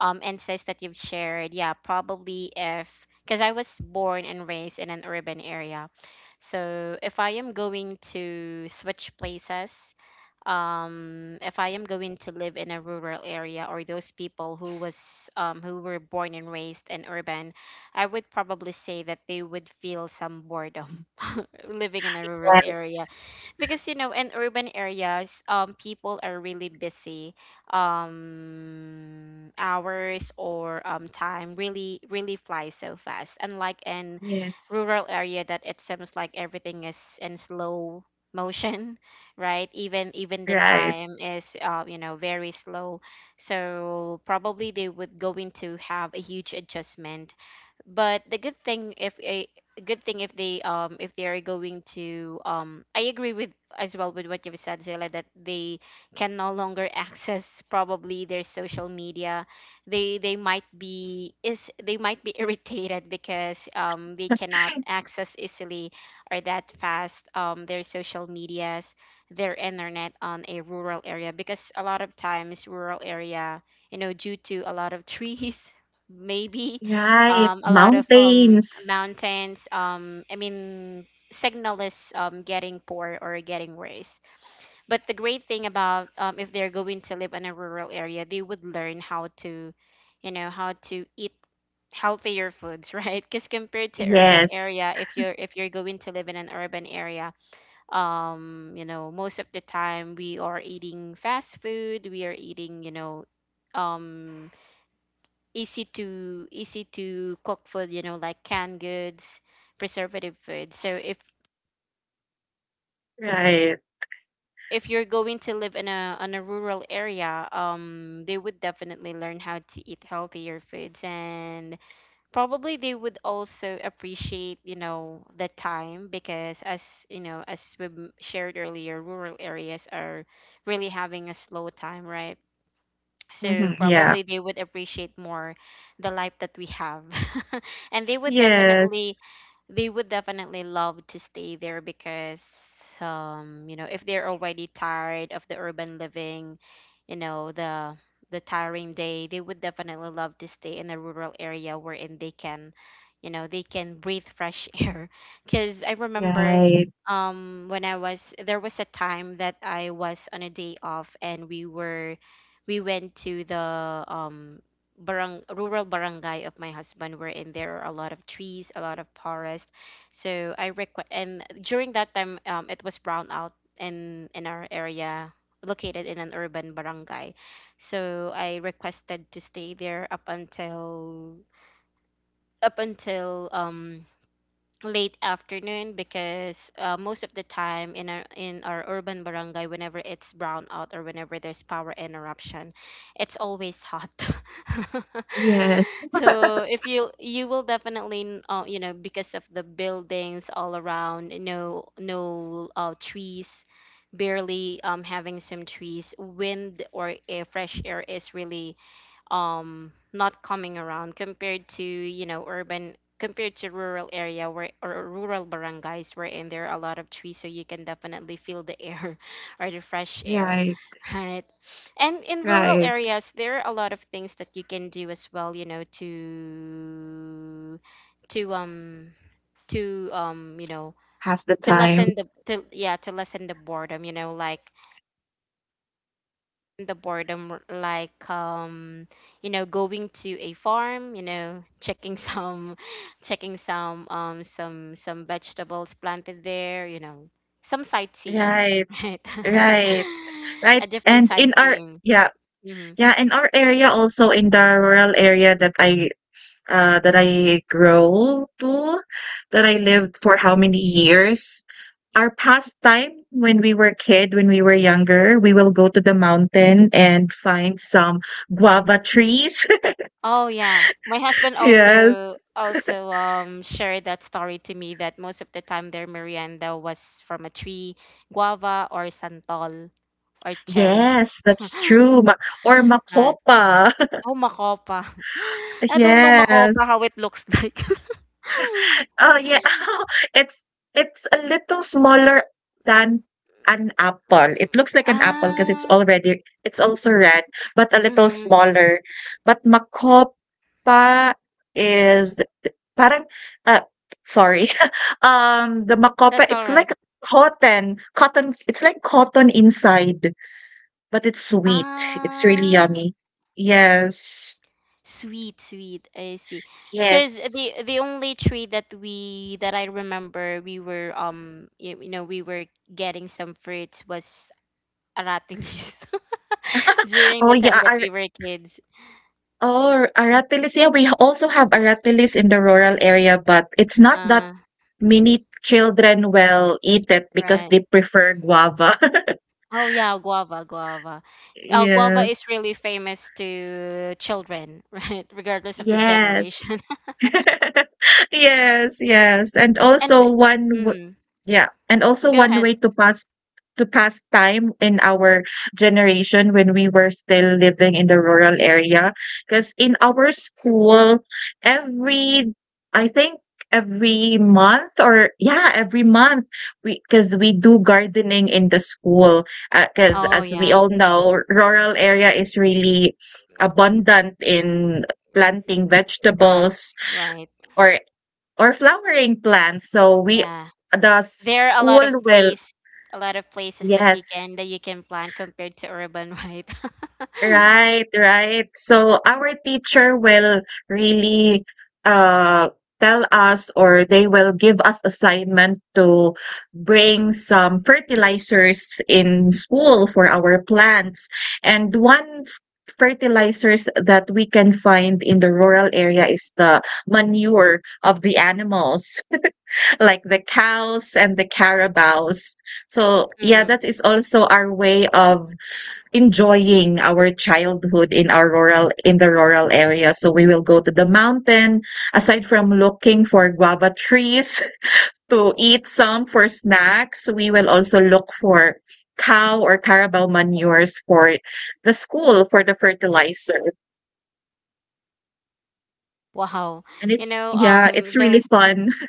Speaker 1: insights that you've shared, yeah, probably if, because I was born and raised in an urban area. So if I am going to switch places, if I am going to live in a rural area, or those people who was, who were born and raised in urban, I would probably say that they would feel some boredom [LAUGHS] living in a rural
Speaker 2: Yes.
Speaker 1: area, because you know, in urban areas, people are really busy, hours, or, time really really flies so fast, unlike in
Speaker 2: Yes.
Speaker 1: rural area that it seems like everything is in slow motion, [LAUGHS] right? Even, the
Speaker 2: Right.
Speaker 1: time is, you know, very slow. So probably they would going to have a huge adjustment. But the good thing if a, good thing if they, if they are going to, I agree with, as well with what you've said, Zayla, that they can no longer access probably their social media. They might be is, they might be [LAUGHS] irritated, because, they cannot access easily, or that fast, their social medias, their internet on a rural area, because a lot of times rural area, you know, due to a lot of trees, [LAUGHS] maybe,
Speaker 2: Right,
Speaker 1: a lot of,
Speaker 2: mountains.
Speaker 1: mountains. I mean, signal is, getting poor, or getting worse. But the great thing about, if they're going to live in a rural area, they would learn how to, you know, how to eat healthier foods, [LAUGHS] right? Because compared to urban
Speaker 2: Yes,
Speaker 1: area, if you're, if you're going to live in an urban area, you know, most of the time we are eating fast food, we are eating, you know, um easy to, easy to cook food, you know, like canned goods, preservative food. So if,
Speaker 2: right.
Speaker 1: you're going to live in a on a rural area, they would definitely learn how to eat healthier foods. And probably they would also appreciate, you know, the time. Because as you know, as we shared earlier, rural areas are really having a slow time, right? So
Speaker 2: Mhm, yeah.
Speaker 1: probably they would appreciate more the life that we have [LAUGHS] and they would
Speaker 2: Yes,
Speaker 1: definitely, they would definitely love to stay there. Because, you know, if they're already tired of the urban living, you know, the, tiring day, they would definitely love to stay in a rural area, wherein they can, you know, they can breathe fresh [LAUGHS] air. Because I remember,
Speaker 2: right.
Speaker 1: when I was, there was a time that I was on a day off, and we were, we went to the, um barang, rural barangay of my husband, wherein there are a lot of trees, a lot of forest. So I request, and during that time, it was brownout in our area, located in an urban barangay. So I requested to stay there up until late afternoon because most of the time in our urban barangay whenever it's brownout or whenever there's power interruption it's always hot [LAUGHS]
Speaker 2: Yes,
Speaker 1: so if you will definitely you know because of the buildings all around no trees, barely having some trees, wind or air, fresh air is really not coming around compared to, you know, urban compared to rural area, where or rural barangays wherein there are a lot of trees so you can definitely feel the air [LAUGHS] or the fresh air.
Speaker 2: right,
Speaker 1: [LAUGHS] Right. And in rural
Speaker 2: right.
Speaker 1: areas there are a lot of things that you can do as well, you know, to to um to
Speaker 2: Pass the
Speaker 1: to
Speaker 2: time.
Speaker 1: lessen the to yeah, to lessen the boredom, you know, like the boredom r- like um you know, going to a farm, you know, checking some [LAUGHS] checking some some vegetables planted there, you know, some sightseeing.
Speaker 2: Right,
Speaker 1: [LAUGHS] Right.
Speaker 2: right,
Speaker 1: [LAUGHS]
Speaker 2: right.
Speaker 1: A different
Speaker 2: And in our
Speaker 1: sightseeing.
Speaker 2: yeah,
Speaker 1: Hmm.
Speaker 2: yeah, in our area also in the rural area that I grow to, that I lived for how many years. Our pastime when we were kid, when we were younger, we will go to the mountain and find some guava trees. [LAUGHS]
Speaker 1: Oh yeah, my husband also
Speaker 2: Yes.
Speaker 1: also um shared that story to me that most of the time their merienda was from a tree, guava or santol or cherry.
Speaker 2: Yes, that's
Speaker 1: [LAUGHS]
Speaker 2: true. Ma or
Speaker 1: Right.
Speaker 2: makopa.
Speaker 1: Oh, makopa. [LAUGHS]
Speaker 2: [LAUGHS]
Speaker 1: I don't know
Speaker 2: Yes.
Speaker 1: makopa how it looks like. [LAUGHS]
Speaker 2: Oh, yeah. [LAUGHS] It's it's a little smaller than an apple. It looks like an apple because it's
Speaker 1: Ah,
Speaker 2: already it's also red, but a little
Speaker 1: mhm,
Speaker 2: smaller. But makopa is Parang, ah, sorry, [LAUGHS] the
Speaker 1: that's
Speaker 2: makopa, it's
Speaker 1: alright.
Speaker 2: like cotton, it's like cotton inside, but it's sweet. It's really
Speaker 1: Ah,
Speaker 2: yummy. Yes,
Speaker 1: sweet, sweet. I see. Because
Speaker 2: yes.
Speaker 1: the only tree that we that I remember we were you, you know we were getting some fruits was aratilis [LAUGHS] during
Speaker 2: Oh,
Speaker 1: the time
Speaker 2: yeah,
Speaker 1: that we
Speaker 2: ar
Speaker 1: were kids.
Speaker 2: oh, aratilis, yeah, we also have aratilis in the rural area, but it's not that
Speaker 1: Ah,
Speaker 2: many children will eat it because
Speaker 1: right.
Speaker 2: they prefer guava. [LAUGHS]
Speaker 1: Oh yeah, guava, guava. Guava is
Speaker 2: Yes,
Speaker 1: really famous to children, [LAUGHS] right? Regardless of the
Speaker 2: yes.
Speaker 1: generation. [LAUGHS]
Speaker 2: [LAUGHS] Yes, yes. And
Speaker 1: And
Speaker 2: also one w
Speaker 1: mm,
Speaker 2: yeah, and also
Speaker 1: go
Speaker 2: one
Speaker 1: ahead.
Speaker 2: way to pass time in our generation when we were still living in the rural area. Because in our school, every I think every month or yeah, every month we because we do gardening in the school. Because
Speaker 1: Oh
Speaker 2: as we
Speaker 1: yeah,
Speaker 2: all know, rural area is really abundant in planting
Speaker 1: correct.
Speaker 2: vegetables
Speaker 1: Right.
Speaker 2: or or flowering plants. So we
Speaker 1: Yeah.
Speaker 2: the
Speaker 1: There are a
Speaker 2: school
Speaker 1: lot of
Speaker 2: will
Speaker 1: place a lot of places that you
Speaker 2: yes,
Speaker 1: can plant compared to urban, [LAUGHS] right? [LAUGHS]
Speaker 2: right, right. So our teacher will really uh tell us or they will give us assignment to bring some fertilizers in school for our plants. And one fertilizers that we can find in the rural area is the manure of the animals like the cows and the carabaos. So, yeah, that
Speaker 1: Mm,
Speaker 2: is also our way of enjoying our childhood in our rural in the rural area. So, we will go to the mountain, aside from looking for guava trees [LAUGHS] to eat some for snacks, we will also look for cow or carabao manures for the school for the fertilizer.
Speaker 1: wow.
Speaker 2: And
Speaker 1: You
Speaker 2: it's
Speaker 1: know,
Speaker 2: yeah,
Speaker 1: um,
Speaker 2: it's really
Speaker 1: those—
Speaker 2: fun. [LAUGHS]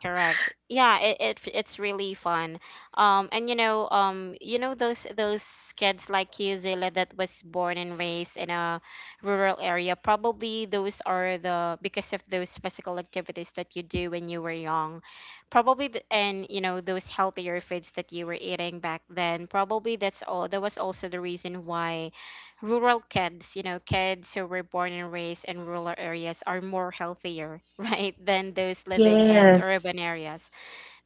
Speaker 1: correct. Yeah, it's really fun. And you know, you know, those kids like you, Zilla, that was born and raised in a rural area. Probably those are the— because of those physical activities that you do when you were young. Probably and you know those healthier foods that you were eating back then. Probably that's all. That was also the reason why rural kids, you know, kids who were born and raised in rural areas are more healthier, [LAUGHS] right, than those living in
Speaker 2: Yes.
Speaker 1: urban areas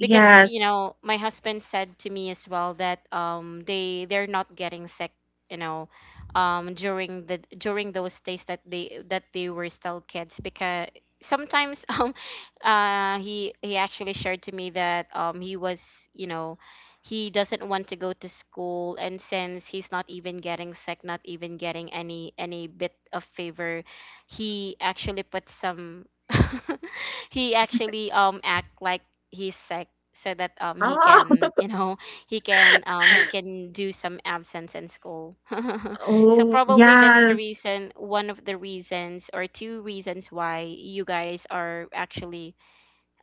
Speaker 1: because you know my husband said to me as well that they they're not getting sick, you know, during the during those days that they were still kids because sometimes [LAUGHS] he actually shared to me that he was, you know, he doesn't want to go to school, and since he's not even getting sick, not even getting any bit of fever, he actually put some— [LAUGHS] he actually act like he's sick so that he
Speaker 2: Oh.
Speaker 1: can, you know, he
Speaker 2: [LAUGHS]
Speaker 1: can do some absence in school. [LAUGHS] So
Speaker 2: Oh,
Speaker 1: probably that's the
Speaker 2: yeah,
Speaker 1: reason, one of the reasons or two reasons why you guys are actually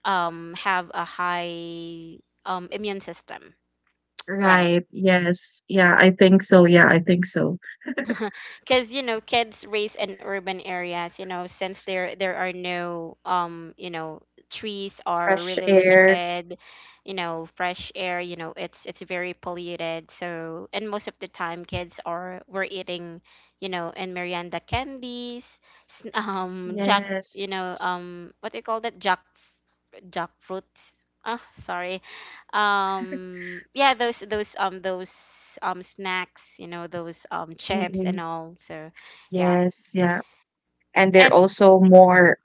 Speaker 1: have a high immune system, right?
Speaker 2: right, yes. Yeah, I think so, yeah, I think so.
Speaker 1: Because you know kids raised in urban areas, you know, since there are no you know trees are
Speaker 2: Fresh
Speaker 1: really
Speaker 2: air,
Speaker 1: limited, you know, fresh air, you know, it's very polluted, so, and most of the time kids are— were eating, you know, and Miranda candies, [LAUGHS] jack, you know,
Speaker 2: yes.
Speaker 1: what do you call that, jackfruits. Ah, sorry. Yeah, those those snacks, you know, those chips and
Speaker 2: Mm-mm.
Speaker 1: all. So, yeah.
Speaker 2: Yes, yeah. And they're
Speaker 1: And
Speaker 2: also more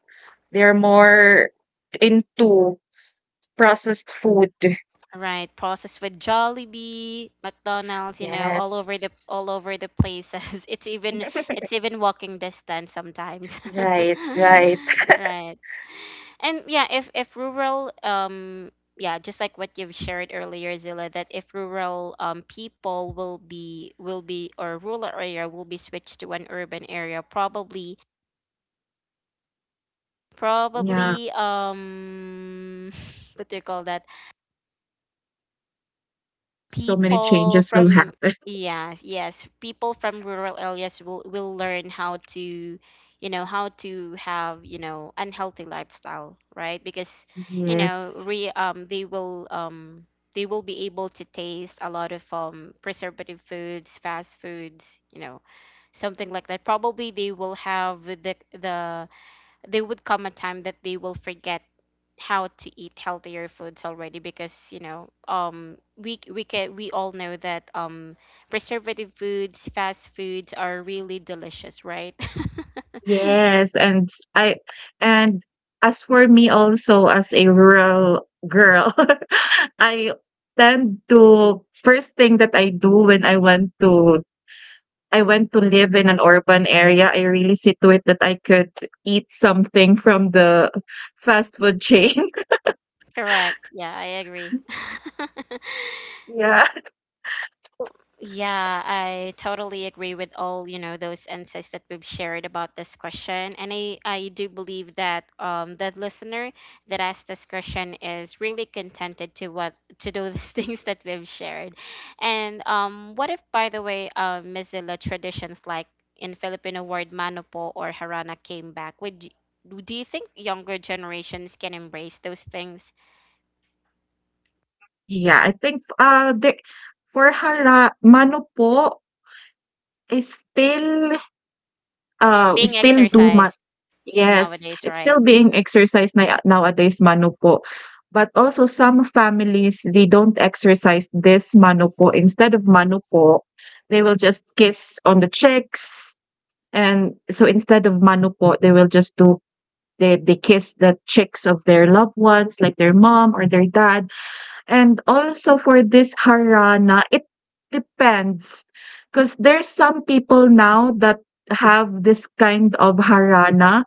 Speaker 2: they're more into processed food.
Speaker 1: right, processed, with Jollibee, McDonald's, you know, all
Speaker 2: Yes.
Speaker 1: over the, all over the places. [LAUGHS] It's even, it's
Speaker 2: [LAUGHS]
Speaker 1: even walking distance sometimes. [LAUGHS]
Speaker 2: Right, right.
Speaker 1: Right. And yeah, if rural yeah, just like what you've shared earlier, Zilla, that if rural people will be, will be, or rural area will be switched to an urban area, probably,
Speaker 2: Yeah,
Speaker 1: probably [LAUGHS] what do you call that?
Speaker 2: so many
Speaker 1: People
Speaker 2: changes will
Speaker 1: from—
Speaker 2: happen.
Speaker 1: yeah, yes, people from rural areas will learn how to, you know, how to have, you know, unhealthy lifestyle, right? Because
Speaker 2: [LAUGHS]
Speaker 1: you know
Speaker 2: Yes.
Speaker 1: re they will be able to taste a lot of preservative foods, fast foods, you know, something like that. Probably they will have the— they would come a time that they will forget how to eat healthier foods already because, you know, we all know that preservative foods, fast foods are really delicious, right?
Speaker 2: Yes,
Speaker 1: [LAUGHS]
Speaker 2: and s- I and as for me also as a rural girl, [LAUGHS] I tend to first thing that I do when I want to I went to live in an urban area, I really see to it that I could eat something from the fast food chain. [LAUGHS]
Speaker 1: Correct. Yeah, I agree. [LAUGHS]
Speaker 2: Yeah.
Speaker 1: Well, yeah, I totally agree with all, you know, those insights that we've shared about this question. And I do believe that the listener that asked this question is really contented to what, to those [LAUGHS] things that we've shared. And what if, by the way, Mozilla traditions like in Filipino word manopo or harana came back? Would you, do you think younger generations can embrace those things
Speaker 2: Yeah, I think for hara mano po is still we
Speaker 1: being
Speaker 2: still do.
Speaker 1: exercised
Speaker 2: Yes,
Speaker 1: nowadays,
Speaker 2: it's still
Speaker 1: right?
Speaker 2: being
Speaker 1: Mm.
Speaker 2: exercised na nowadays, mano po. But also some families, they don't exercise this mano po. Instead of mano po, they will just kiss on the cheeks, and so instead of mano po, they will just do they kiss the cheeks of their loved ones, like their mom or their dad. And also for this harana, it depends, because there's some people now that have this kind of harana.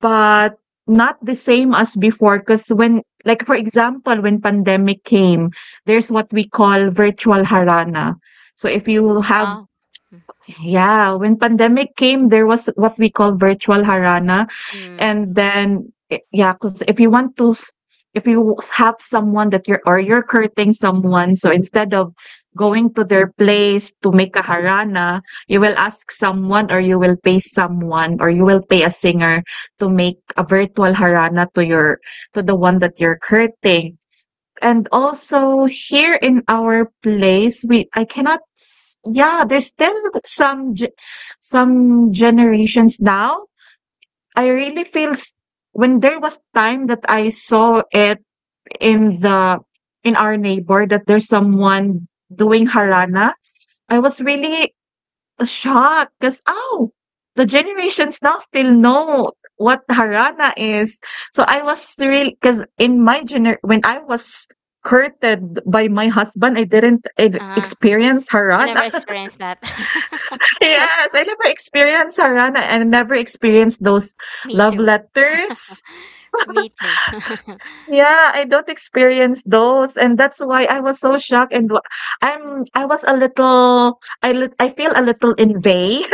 Speaker 2: But not the same as before, 'cause when like, for example, when pandemic came, there's what we call virtual harana. So if you have.
Speaker 1: Wow.
Speaker 2: Yeah, when pandemic came, there was what we call virtual harana,
Speaker 1: Mm.
Speaker 2: and then I yeah, 'cause if you want to s if you have someone that you're or you're courting someone, so instead of going to their place to make a harana, you will ask someone or you will pay someone or you will pay a singer to make a virtual harana to your to the one that you're courting. And also here in our place, we I cannot s yeah, there's still some ge some generations now. I really feels when there was time that I saw it in the in our neighbor that there's someone doing harana, I was really A cause "Oh, the generations now still know what harana is." So I was cause in my gener when I was courted by my husband, I didn't e
Speaker 1: Uh-huh.
Speaker 2: experience
Speaker 1: You never
Speaker 2: harana. [LAUGHS]
Speaker 1: experienced that. [LAUGHS]
Speaker 2: Yes, I never experienced harana and never experienced those
Speaker 1: Me
Speaker 2: love
Speaker 1: too.
Speaker 2: letters.
Speaker 1: Me too. [LAUGHS]
Speaker 2: Yeah, I don't experience those, and that's why I was so shocked and wa I was a little I feel a little envy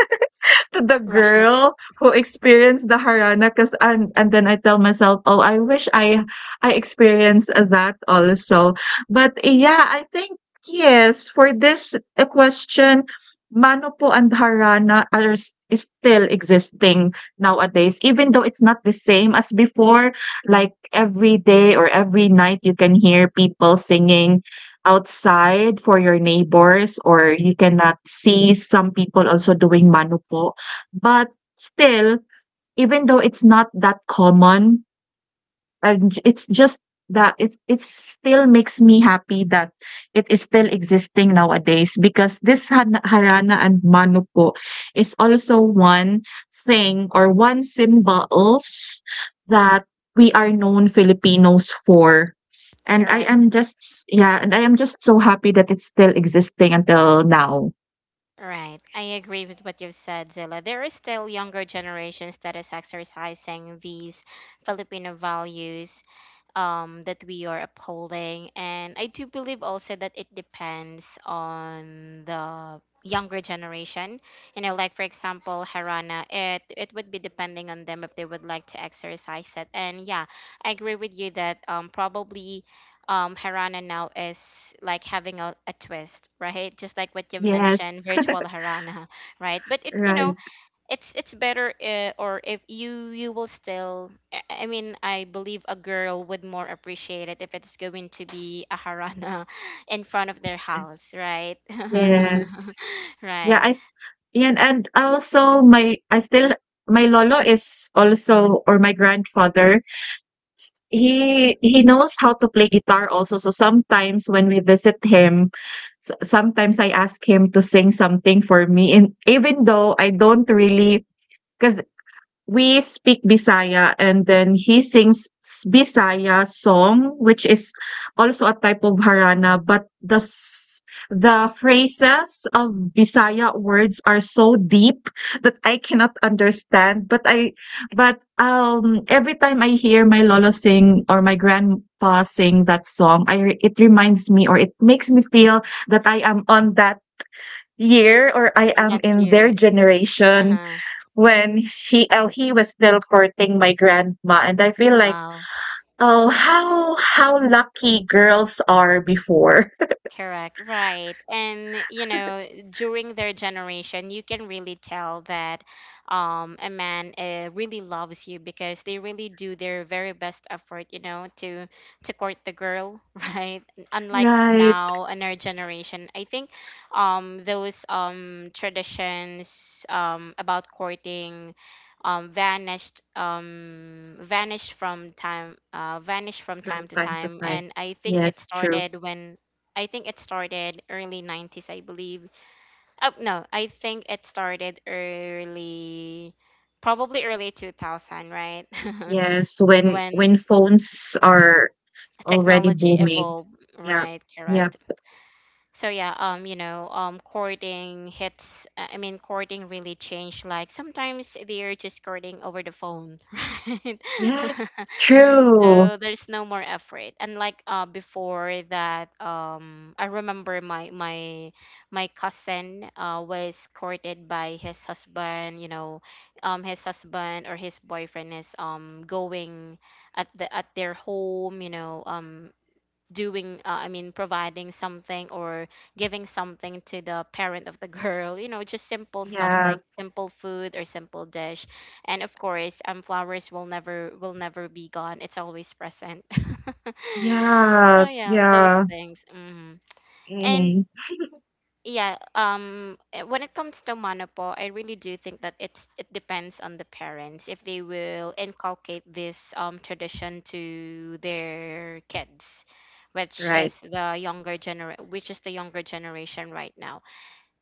Speaker 2: to the
Speaker 1: Right.
Speaker 2: girl who experienced the harana because and then I tell myself, "Oh, I wish I experienced that also." But yeah, I think yes, for this question, Manopo and Harana is still existing nowadays, even though it's not the same as before. Like every day or every night, you can hear people singing outside for your neighbors, or you cannot see some people also doing Manupo but still, even though it's not that common, and it's just that it still makes me happy that it is still existing nowadays because this harana and mano po is also one thing or one symbols that we are known Filipinos for. And I
Speaker 1: Correct.
Speaker 2: am just yeah, and I am just so happy that it's still existing until now.
Speaker 1: Right. I agree with what you've said, Zilla. There are still younger generations that is exercising these Filipino values, that we are upholding. And I do believe also that it depends on the younger generation. You know, like for example, Harana, it would be depending on them if they would like to exercise it. And yeah, I agree with you that, probably, harana now is like having a twist, right, just like what you mentioned,
Speaker 2: Yes,
Speaker 1: virtual harana, right? But
Speaker 2: [LAUGHS]
Speaker 1: it, you know,
Speaker 2: right.
Speaker 1: it's better, or if you, you will still, I mean, I believe a girl would more appreciate it if it's going to be a harana [LAUGHS] in front of their house, right? [LAUGHS]
Speaker 2: Yes. Yeah,
Speaker 1: Right.
Speaker 2: I Yan and also my I still my lolo is also or my grandfather, he knows how to play guitar also, so sometimes when we visit him, so sometimes I ask him to sing something for me and even though I don't really 'cause we speak Bisaya and then he sings Bisaya song, which is also a type of harana, but the phrases of Bisaya words are so deep that I cannot understand. But every time I hear my lolo sing or my grandpa sing that song, it reminds me or it makes me feel that I am on that year or I
Speaker 1: On
Speaker 2: am
Speaker 1: that
Speaker 2: in their
Speaker 1: gear.
Speaker 2: generation
Speaker 1: Uh-huh.
Speaker 2: when he was still courting my grandma, and I feel like,
Speaker 1: Wow.
Speaker 2: oh, how lucky girls are before. [LAUGHS]
Speaker 1: Correct, right. And you know, during their generation, you can really tell that a man, really loves you because they really do their very best effort, you know, to court the girl, [LAUGHS] right? Unlike
Speaker 2: Right.
Speaker 1: now in our generation, I think those traditions about courting vanished from time, vanished from
Speaker 2: From
Speaker 1: time to
Speaker 2: time to
Speaker 1: time,
Speaker 2: time.
Speaker 1: and I think it
Speaker 2: Yes, true.
Speaker 1: started when— I think it started early 90s, I believe. Oh, no, I think it started early, probably early 2000, right? [LAUGHS]
Speaker 2: Yes, when
Speaker 1: When
Speaker 2: when phones are already
Speaker 1: technology
Speaker 2: booming.
Speaker 1: evolved,
Speaker 2: Yeah.
Speaker 1: right? Correct.
Speaker 2: Yep.
Speaker 1: So yeah, you know, courting hits, I mean, courting really changed, like sometimes they're just courting over the phone. [LAUGHS] Right.
Speaker 2: Yes,
Speaker 1: [LAUGHS]
Speaker 2: true.
Speaker 1: So there's no more effort, and like, uh, before that, I remember my my cousin, uh, was courted by his husband, you know, his husband or his boyfriend is going at the, at their home, you know, doing, I mean, providing something or giving something to the parent of the [LAUGHS] girl, you know, just simple stuffs
Speaker 2: Yeah.
Speaker 1: like simple food or simple dish. And of course, flowers will never, will never be gone, it's always present. [LAUGHS]
Speaker 2: Yeah.
Speaker 1: So yeah, those
Speaker 2: Yeah.
Speaker 1: things. Hmm. And
Speaker 2: Mm,
Speaker 1: yeah, eh, when it comes to Monopo, I really do think that it's, it depends on the parents if they will inculcate this tradition to their kids, which
Speaker 2: right.
Speaker 1: is the younger gener— which is the younger generation right now.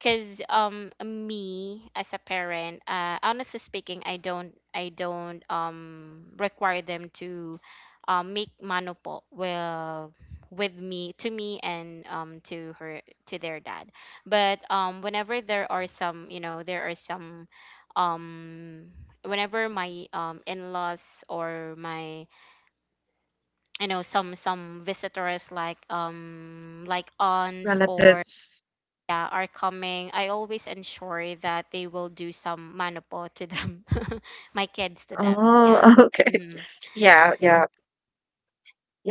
Speaker 1: Cause me as a parent, honestly speaking, I don't require them to make manopo, well, with me, to me, and to her, to their dad. But whenever there are some, you know, there are some um whenever my in-laws or my, you know, some visitors like aunts or,
Speaker 2: Relatives.
Speaker 1: yeah, are coming, I always ensure that they will do some manopo to them, [LAUGHS] my kids to them. Yeah,
Speaker 2: Oh, [LAUGHS] okay.
Speaker 1: mm-hmm.
Speaker 2: Yeah, yeah.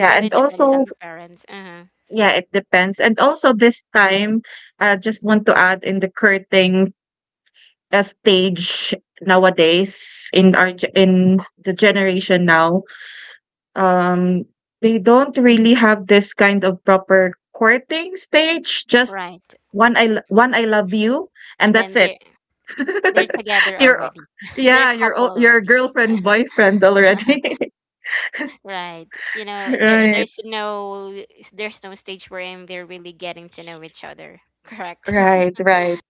Speaker 1: It really
Speaker 2: and
Speaker 1: depends on
Speaker 2: also
Speaker 1: the parents. Uh-huh.
Speaker 2: yeah, it depends. And also this time, I just want to add in the curtain stage nowadays in our in the generation now, um, they don't really have this kind of proper courting stage. Just
Speaker 1: Right,
Speaker 2: one I love you, and
Speaker 1: and
Speaker 2: that's
Speaker 1: then they're
Speaker 2: it. [LAUGHS]
Speaker 1: they're together
Speaker 2: You're o-
Speaker 1: already. [LAUGHS] They're a
Speaker 2: yeah,
Speaker 1: couple
Speaker 2: your
Speaker 1: already.
Speaker 2: girlfriend boyfriend already.
Speaker 1: [LAUGHS] Right. You
Speaker 2: [LAUGHS]
Speaker 1: know, there
Speaker 2: Right,
Speaker 1: there's no stage wherein they're really getting to know each other. Correct.
Speaker 2: right,
Speaker 1: [LAUGHS]
Speaker 2: right,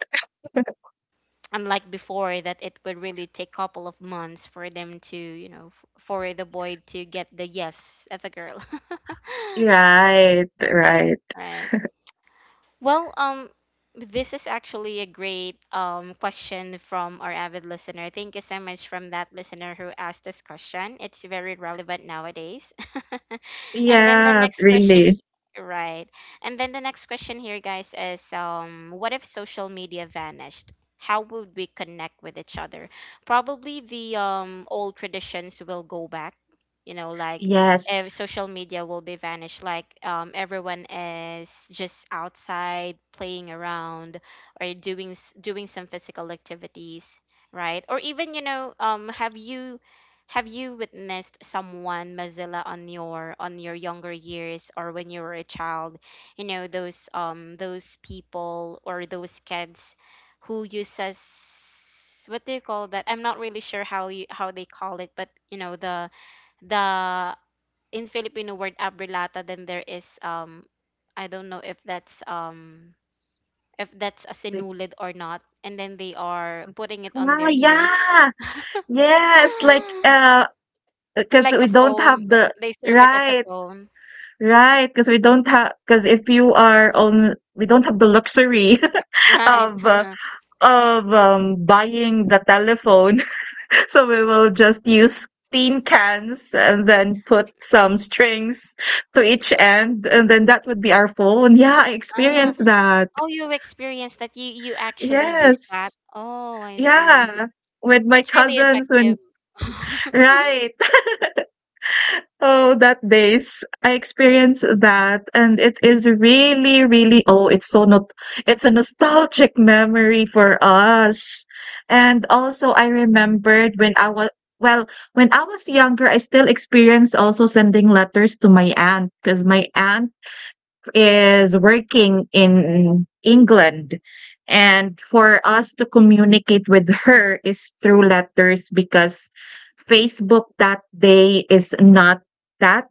Speaker 1: Unlike before, that it would really take couple of months for them to, you know, for the boy to get the yes of a girl. [LAUGHS]
Speaker 2: right, right.
Speaker 1: Right. Well, this is actually a great question from our avid listener. Thank you so much from that listener who asked this question. It's very relevant nowadays. [LAUGHS] And then the
Speaker 2: Yeah,
Speaker 1: next question,
Speaker 2: really.
Speaker 1: right? And then the next question here, guys, is, what if social media vanished? How would we connect with each other? Probably the old traditions will go back. You know, like
Speaker 2: Yes.
Speaker 1: social media will be vanished, like, everyone is just outside playing around or doing some physical activities, right? Or even, you know, have you witnessed someone mozilla on your younger years or when you were a child? You know those, those people or those kids who uses, what do you call that? I'm not really sure how you, how they call it, but you know the, in Filipino word abrelata, then there is, I don't know if that's, if that's a
Speaker 2: Like
Speaker 1: sinulid or not. And then they are putting it on
Speaker 2: ah,
Speaker 1: their ears.
Speaker 2: yeah. Yes, like,
Speaker 1: [GASPS]
Speaker 2: because
Speaker 1: Like a
Speaker 2: we don't
Speaker 1: phone,
Speaker 2: have
Speaker 1: but
Speaker 2: the.
Speaker 1: they serve it as a
Speaker 2: Right,
Speaker 1: phone.
Speaker 2: right. Because we don't have. Because if you are on we don't have the luxury [LAUGHS] of,
Speaker 1: Right.
Speaker 2: uh,
Speaker 1: [LAUGHS]
Speaker 2: of, buying the telephone, [LAUGHS] so we will just use tin cans and then put some strings to each end, and then that would be our phone. Yeah, I
Speaker 1: Ah,
Speaker 2: experienced that.
Speaker 1: oh, you experienced that. You actually use that.
Speaker 2: Yes.
Speaker 1: Oh, I see.
Speaker 2: Yeah. With my
Speaker 1: It's really
Speaker 2: cousins when.
Speaker 1: effective. [LAUGHS]
Speaker 2: Right. Oh, that days. I experienced that and it is really, really oh, it's so not it's a nostalgic memory for us. And also I remembered when I was well, when I was younger, I still experienced also sending letters to my aunt because my aunt is working in England. And for us to communicate with her is through letters because Facebook that day is not that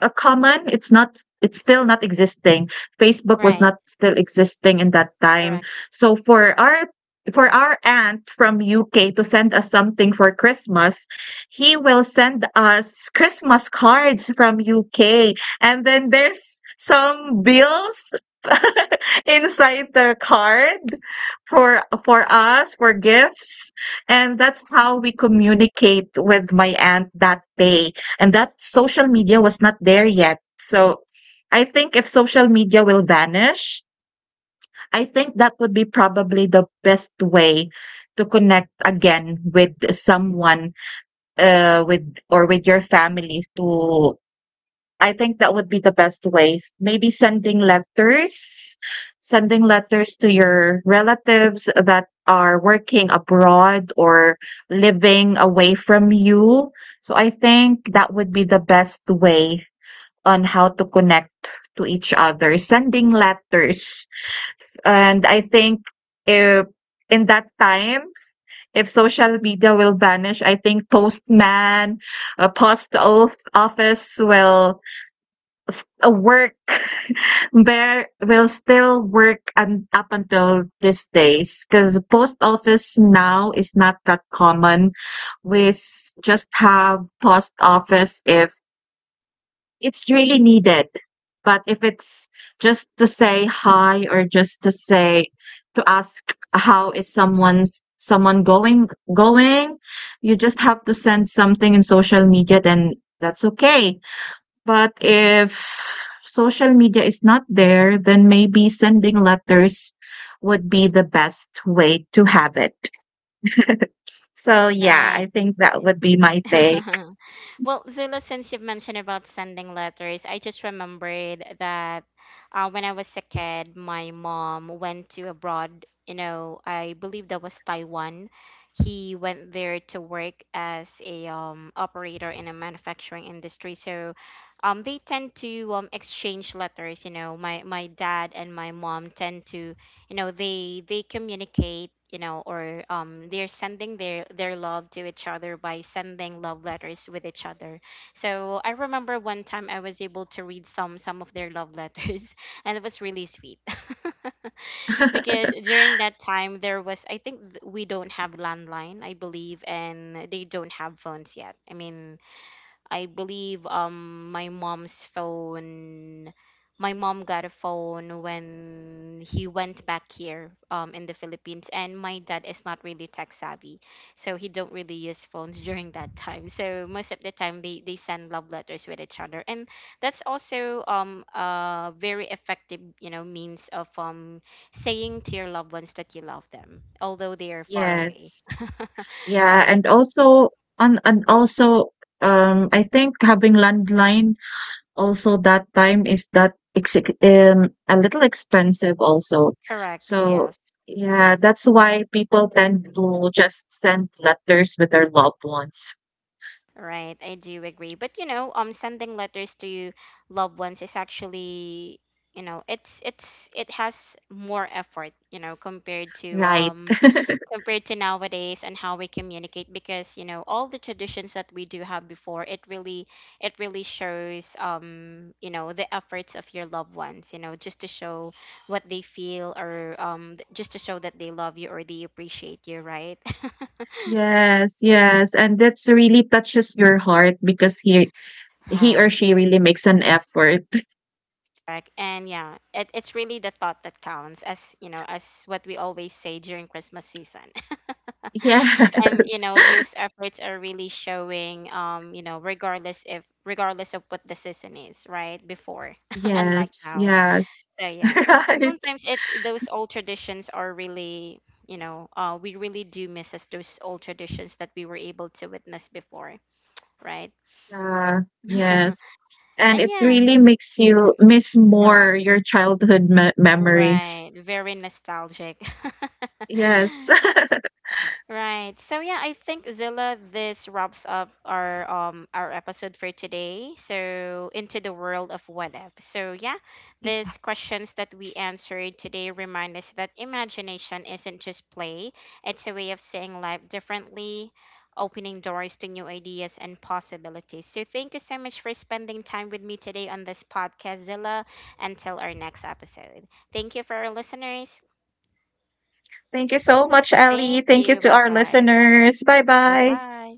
Speaker 2: common. It's not, it's still not existing. Facebook was
Speaker 1: Right.
Speaker 2: not still existing in that time.
Speaker 1: Correct.
Speaker 2: So for our aunt from UK to send us something for Christmas, he will send us Christmas cards from UK and then there's some bills [LAUGHS] inside the card for us for gifts and that's how we communicate with my aunt that day and that social media was not there yet. So I think if social media will vanish, I think that would be probably the best way to connect again with someone, with your family. To I think that would be the best way. Maybe sending letters to your relatives that are working abroad or living away from you. So I think that would be the best way on how to connect to each other, sending letters. And I think if in that time, if social media will vanish, I think Postman, Post Oath Office will a work [LAUGHS] bear will still work and up until these days because post office now is not that common. We just have post office if it's really needed. But if it's just to say hi or just to say to ask how is someone's someone going going, you just have to send something in social media then, that's okay. But if social media is not there, then maybe sending letters would be the best way to have it. So, yeah, I
Speaker 1: Right.
Speaker 2: think that would be my take.
Speaker 1: [LAUGHS] Well, Zula, since you've mentioned about sending letters, I just remembered that, when I was a kid, my mom went to abroad. You know, I believe that was Taiwan. He went there to work as a, operator in a manufacturing industry. So, they tend to, exchange letters. You know, my dad and my mom tend to, you know, they communicate, you know, or they're sending their love to each other by sending love letters with each other. So I remember one time I was able to read some of their love letters [LAUGHS] and it was really sweet. [LAUGHS] Because during that time there was, I think we don't have landline, I believe, and they don't have phones yet. I mean, I believe my mom's phone, my mom got a phone when he went back here in the Philippines, and my dad is not really tech savvy. So he don't really use phones [LAUGHS] during that time. So most of the time they send love letters with each other. And that's also a very effective, you know, means of saying to your loved ones that you love them, although they are far away.
Speaker 2: Yes.
Speaker 1: [LAUGHS]
Speaker 2: Yeah,
Speaker 1: Right?
Speaker 2: and also I think having landline, also, that time is that exec a little expensive also.
Speaker 1: Correct.
Speaker 2: So
Speaker 1: Yeah.
Speaker 2: yeah, that's why people tend to just send letters with their loved ones,
Speaker 1: Right, I do agree. But you know, sending letters to loved ones is actually, you know, it's it has more effort, you know, compared to,
Speaker 2: right?
Speaker 1: compared to nowadays and how we communicate because, you know, all the traditions that we do have before, it really shows, you know, the efforts of your loved ones, you know, just to show what they feel or just to show that they love you or they appreciate you, right? [LAUGHS]
Speaker 2: Yes, yes, and that's really touches your heart because he or
Speaker 1: Right.
Speaker 2: she really makes an effort. [LAUGHS]
Speaker 1: Correct. And yeah, it's really the thought that counts, as, you know, as what we always say during Christmas season. [LAUGHS] And, you
Speaker 2: Yes.
Speaker 1: know,
Speaker 2: [LAUGHS]
Speaker 1: those efforts are really showing, you know, regardless if regardless of what the season is, right? Before, [LAUGHS] unlike
Speaker 2: Yes,
Speaker 1: now.
Speaker 2: yes.
Speaker 1: So
Speaker 2: [LAUGHS]
Speaker 1: yeah.
Speaker 2: Right.
Speaker 1: Sometimes it those old traditions are really, you know, we really do miss, as those old traditions that we were able to witness before, right?
Speaker 2: Yeah,
Speaker 1: [LAUGHS]
Speaker 2: yes. And
Speaker 1: And
Speaker 2: it
Speaker 1: yeah,
Speaker 2: really makes you miss more
Speaker 1: correct.
Speaker 2: your childhood me memories.
Speaker 1: Right. Very nostalgic. [LAUGHS]
Speaker 2: Yes. [LAUGHS]
Speaker 1: Right. So yeah, I think, Zilla, this wraps up our, our episode for today. So into the world of what if. So yeah, these
Speaker 2: Yes.
Speaker 1: questions that we answered today remind us that imagination isn't just play. It's a way of seeing life differently, opening doors to new ideas and possibilities. So thank you so much for spending time with me today on this podcast, Zilla. Until our next episode. Thank you for our listeners.
Speaker 2: Thank you so much, Ellie.
Speaker 1: Thank
Speaker 2: Thank you
Speaker 1: you.
Speaker 2: to
Speaker 1: Bye
Speaker 2: our
Speaker 1: bye.
Speaker 2: listeners. Bye
Speaker 1: Bye
Speaker 2: bye.
Speaker 1: bye.